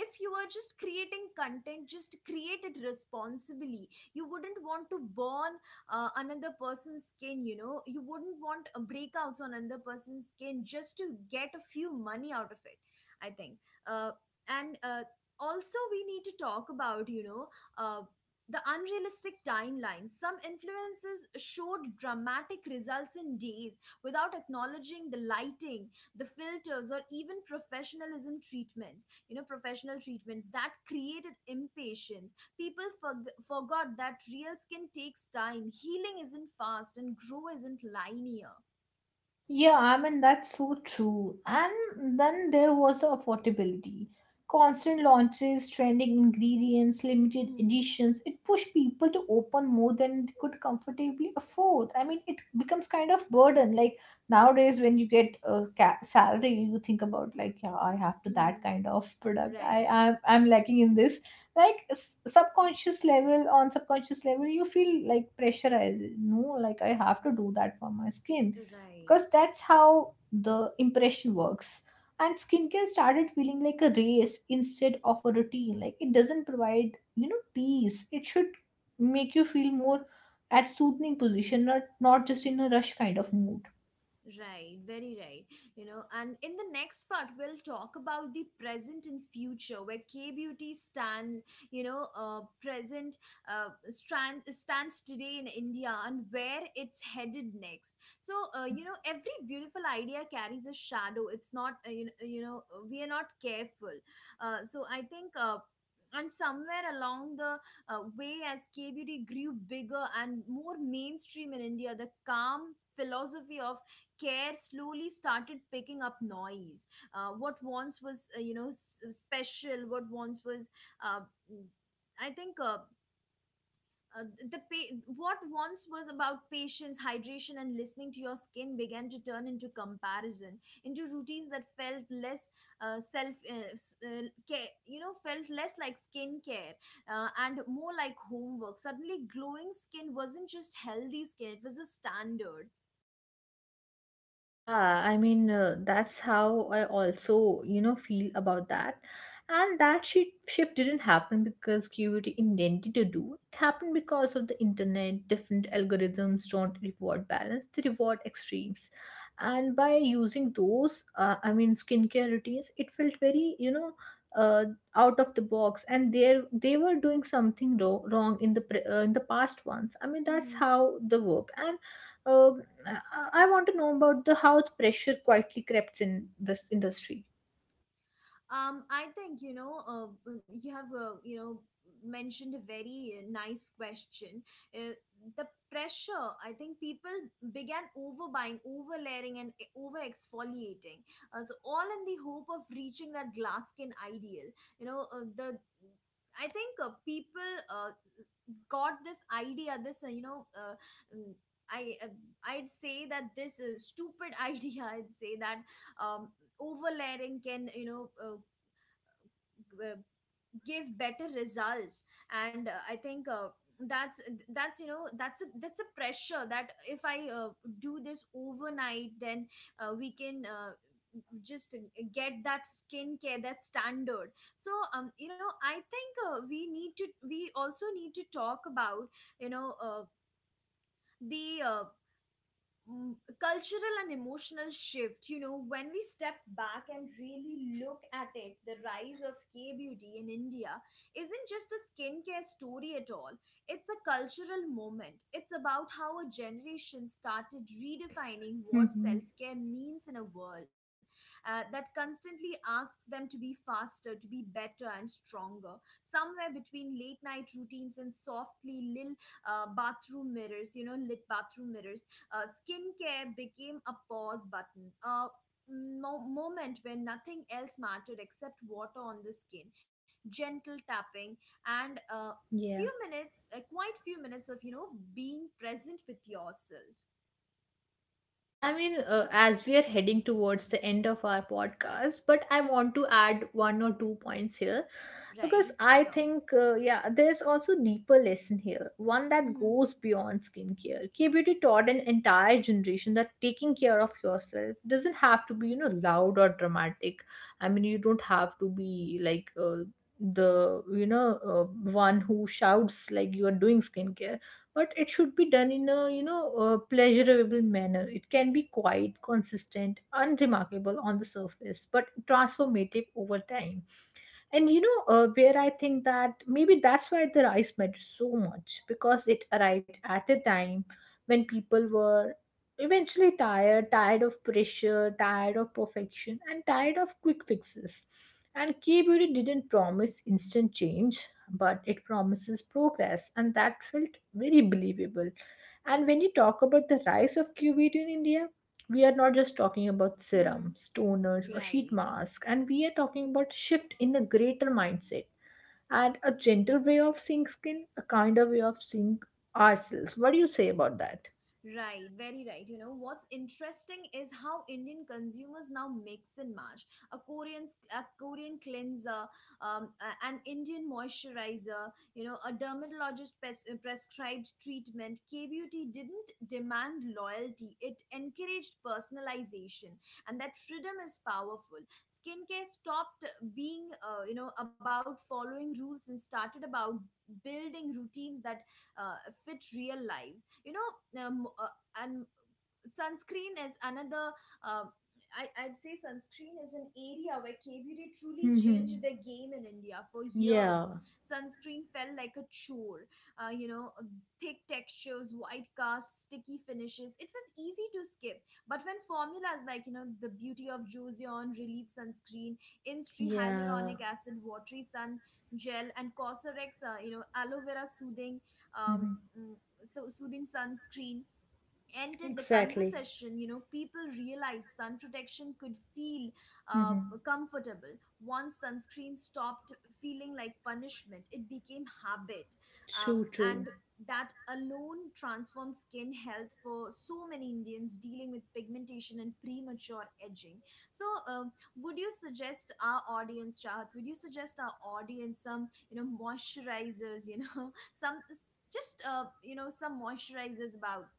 A: if you are just creating content, just create it responsibly. You wouldn't want to burn another person's skin, you know, you wouldn't want breakouts on another person's skin just to get a few money out of it, I think. uh, and also we need to talk about, you know, uh, the unrealistic timelines. Some influences showed dramatic results in days without acknowledging the lighting, the filters, or even professionalism treatments. You know, professional treatments that created impatience. People forgot that real skin takes time, healing isn't fast, and grow isn't linear.
B: Yeah, I mean, that's so true. And then there was the affordability. Constant launches, trending ingredients, limited
A: Mm-hmm.
B: editions. It pushed people to open more than they could comfortably afford. I mean, it becomes kind of burden. Like nowadays, when you get a salary, you think about like, yeah, I have to that
A: Mm-hmm.
B: kind of product. I
A: Right,
B: I'm, I'm lacking in this. Like on subconscious level, you feel like pressurized. No, like I have to do that for my skin,
A: right.
B: because that's how the impression works, and skincare started feeling like a race instead of a routine. Like, it doesn't provide, peace. It should make you feel more at soothing position, not just in a rush kind of mood.
A: Right, very right. You know, and in the next part, we'll talk about the present and future, where K beauty stands, you know, present stands today in India and where it's headed next. So, you know, every beautiful idea carries a shadow. It's not, we are not careful. So, I think. And somewhere along the way, as K beauty grew bigger and more mainstream in India, the calm philosophy of care slowly started picking up noise. Uh, what once was you know s- special What once was uh, I think the pa- what once was about patience, hydration and listening to your skin, began to turn into comparison, into routines that felt less self s- care you know felt less like skincare and more like homework. Suddenly, glowing skin wasn't just healthy skin, it was a standard.
B: Yeah, I mean, that's how I also, feel about that. And that shift didn't happen because QVT intended to do. It happened because of the internet. Different algorithms don't reward balance, they reward extremes. And by using those, I mean, skincare routines, it felt very, uh, out of the box. And they were doing something ro wrong in the past ones. I mean, that's how the work. And I want to know about the how the pressure quietly crept in this industry.
A: I think, you know, you have, mentioned a very nice question. Uh, the pressure, I think people began overbuying, overlayering, and over exfoliating. All in the hope of reaching that glass skin ideal. You know, the I think people uh, got this idea, this, mm, I, uh, I'd say that this stupid idea, I'd say that um, overlayering can, you know, uh, give better results. And I think that's, that's a pressure that if I do this overnight, then we can just get that skincare, that standard. So, um, you know, I think we also need to talk about, you know, the uh, mm, cultural and emotional shift. You know, when we step back and really look at it, the rise of K beauty in India isn't just a skincare story at all. It's a cultural moment. It's about how a generation started redefining what
B: Hmm.
A: self care means in a world that constantly asks them to be faster, to be better and stronger. Somewhere between late night routines and softly lit bathroom mirrors you know lit bathroom mirrors, skincare became a pause button, a moment when nothing else mattered except water on the skin, gentle tapping, and
B: Yeah.
A: few minutes, quite few minutes of, you know, being present with yourself.
B: Yeah, I mean, as we are heading towards the end of our podcast, but I want to add one or two points here, because
A: Right.
B: I
A: Sure.
B: think, yeah, there's also deeper lesson here, one that
A: Mm-hmm.
B: goes beyond skincare. K beauty taught an entire generation that taking care of yourself doesn't have to be, loud or dramatic. I mean, you don't have to be like, the you know uh, one who shouts like you are doing skincare, but it should be done in a, pleasurable manner. It can be quite consistent, unremarkable on the surface, but transformative over time. And where I think that maybe that's why the rice mattered so much, because it arrived at a time when people were eventually tired, tired of pressure, tired of perfection, and tired of quick fixes. And K Beauty didn't promise instant change, but it promises progress, and that felt very believable. And when you talk about the rise of K Beauty in India, we are not just talking about
A: Mm-hmm.
B: serums, toners, or sheet
A: Right.
B: masks, and we are talking about shift in a greater mindset and a gentle way of seeing skin, a kinder way of seeing ourselves. What do you say about that?
A: Right, very right. You know, what's interesting is how Indian consumers now mix and match a Korean cleanser, an Indian moisturizer, you know, a dermatologist prescribed treatment. K beauty didn't demand loyalty; it encouraged personalization, and that freedom is powerful. Skincare stopped being, you know, about following rules and started about building routines that uh, fit real lives, you know. um, uh, and sunscreen is another uh, I, I'd say sunscreen is an area where K-beauty truly changed
B: Hmm.
A: the game in India. For years,
B: Yeah,
A: sunscreen felt like a chore, you know, thick textures, white cast, sticky finishes. It was easy to skip. But when formulas like, you know, the Beauty of Joseon Relief Sunscreen, Instri
B: yeah.
A: Hyaluronic Acid Watery Sun Gel, and COSRX you know, Aloe Vera Soothing um,
B: Hmm.
A: mm, Soothing Sunscreen entered the
B: Exactly.
A: conversation, you know, people realized sun protection could feel uh,
B: Hmm.
A: comfortable. Once sunscreen stopped feeling like punishment, it became habit.
B: True, true.
A: And that alone transformed skin health for so many Indians dealing with pigmentation and premature edging. So, would you suggest our audience, Chahat, would you suggest our audience some, you know, moisturizers, you know, some just, you know, some moisturizers about?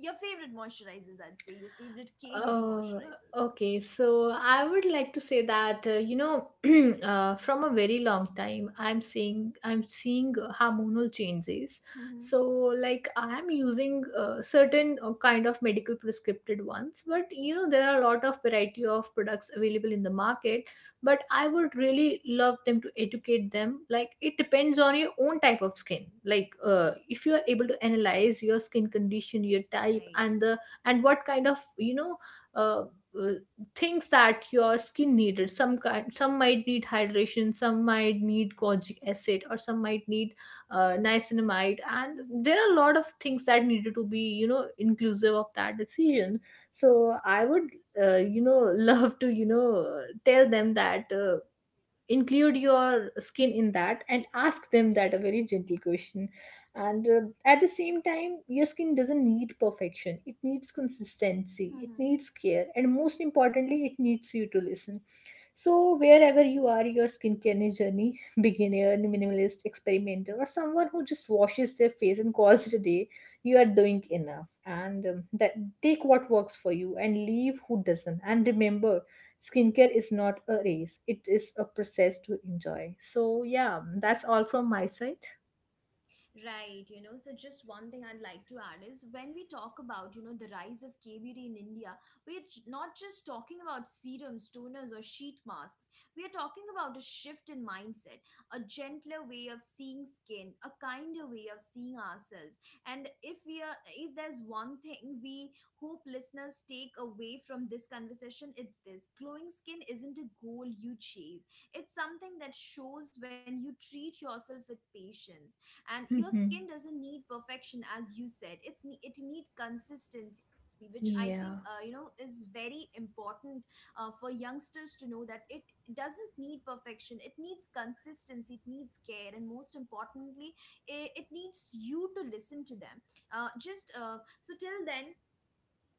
A: Your favorite moisturizers, I'd say. Your favorite K beauty
B: Oh,
A: moisturizers.
B: okay. So I would like to say that, from a very long time, I'm seeing hormonal changes.
A: Mm-hmm.
B: So like I'm using certain kind of medical prescripted ones, but you know there are a lot of variety of products available in the market. But I would really love them to educate them. Like, it depends on your own type of skin. Like, if you are able to analyze your skin condition, your type,
A: Right.
B: and the and what kind of, uh, uh, things that your skin needed. Some kind, some might need hydration, some might need kojic acid, or some might need niacinamide, and
A: Mm-hmm.
B: there are a lot of things that needed to be, inclusive of that decision. So I would, love to, tell them that, include your skin in that and ask them that a very gentle question. And at the same time, your skin doesn't need perfection, it needs consistency, it
A: Mm-hmm.
B: needs care, and most importantly, it needs you to listen. So wherever you are your skincare journey, beginner, minimalist, experimenter, or someone who just washes their face and calls it a day, you are doing enough. And that, take what works for you and leave who doesn't, and remember, skincare is not a race, it is a process to enjoy. So yeah, that's all from my side.
A: Right, you know, so just one thing I'd like to add is, when we talk about, you know, the rise of K beauty in India, not just talking about serums, toners, or sheet masks. We are talking about a shift in mindset, a gentler way of seeing skin, a kinder way of seeing ourselves. And if we are, if there's one thing we hope listeners take away from this conversation, it's this: glowing skin isn't a goal you chase, it's something that shows when you treat yourself with patience. And your skin
B: Hmm.
A: doesn't need perfection, as you said, it need consistency, which I think you know,
B: Yeah.
A: is very important for youngsters to know. That it doesn't need perfection, it needs consistency, it needs care, and most importantly, it needs you to listen to them. Just So till then,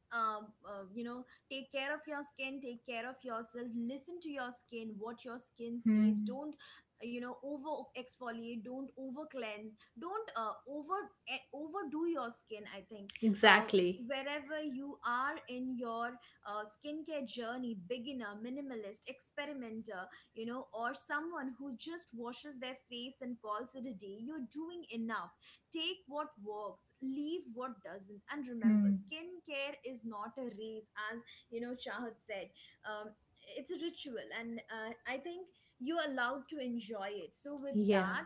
A: you know, take care of your skin, take care of yourself, listen to your skin, what your skin says.
B: Hmm.
A: Don't, you know, over exfoliate, don't over cleanse, don't overdo your skin, I think. uh,
B: Exactly.
A: Wherever you are in your skincare journey, beginner, minimalist, experimenter, you know, or someone who just washes their face and calls it a day, you're doing enough. Take what works, leave what doesn't, and remember,
B: Hmm.
A: skincare is not a race, as you know, Shahid said. Um, it's a ritual, and I think you're allowed to enjoy it. So, with
B: Yeah.
A: that,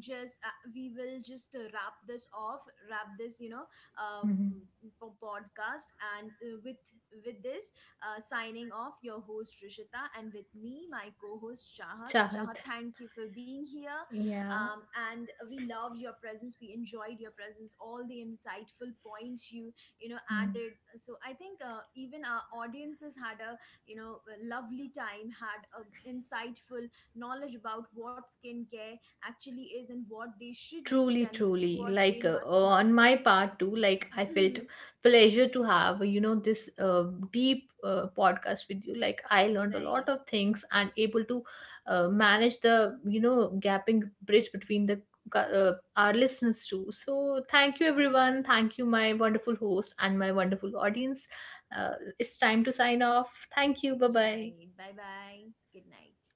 A: just we will just wrap this off, wrap this you know uh,
B: Hmm.
A: m- po- podcast, and with this, signing off, your host Rishita, and with me my co-host Shahat.
B: Chahat.
A: Shahat, thank you for being here.
B: Yeah.
A: Um, and we loved your presence, we enjoyed your presence, all the insightful points you, you know,
B: Hmm.
A: added. So I think even our audiences had a, you know, a lovely time, had a insightful knowledge about what skincare actually is and what they should use
B: Truly,
A: and
B: truly.
A: what they
B: Like,
A: must
B: on
A: not.
B: my part too, like I felt pleasure to have, this deep podcast with you. Like I learned a lot
A: right
B: of things and able to manage the, gapping bridge between the our listeners too. So thank you everyone. Thank you my wonderful host and my wonderful audience. It's time to sign off. Thank you. Bye bye.
A: right. Bye bye. Good night.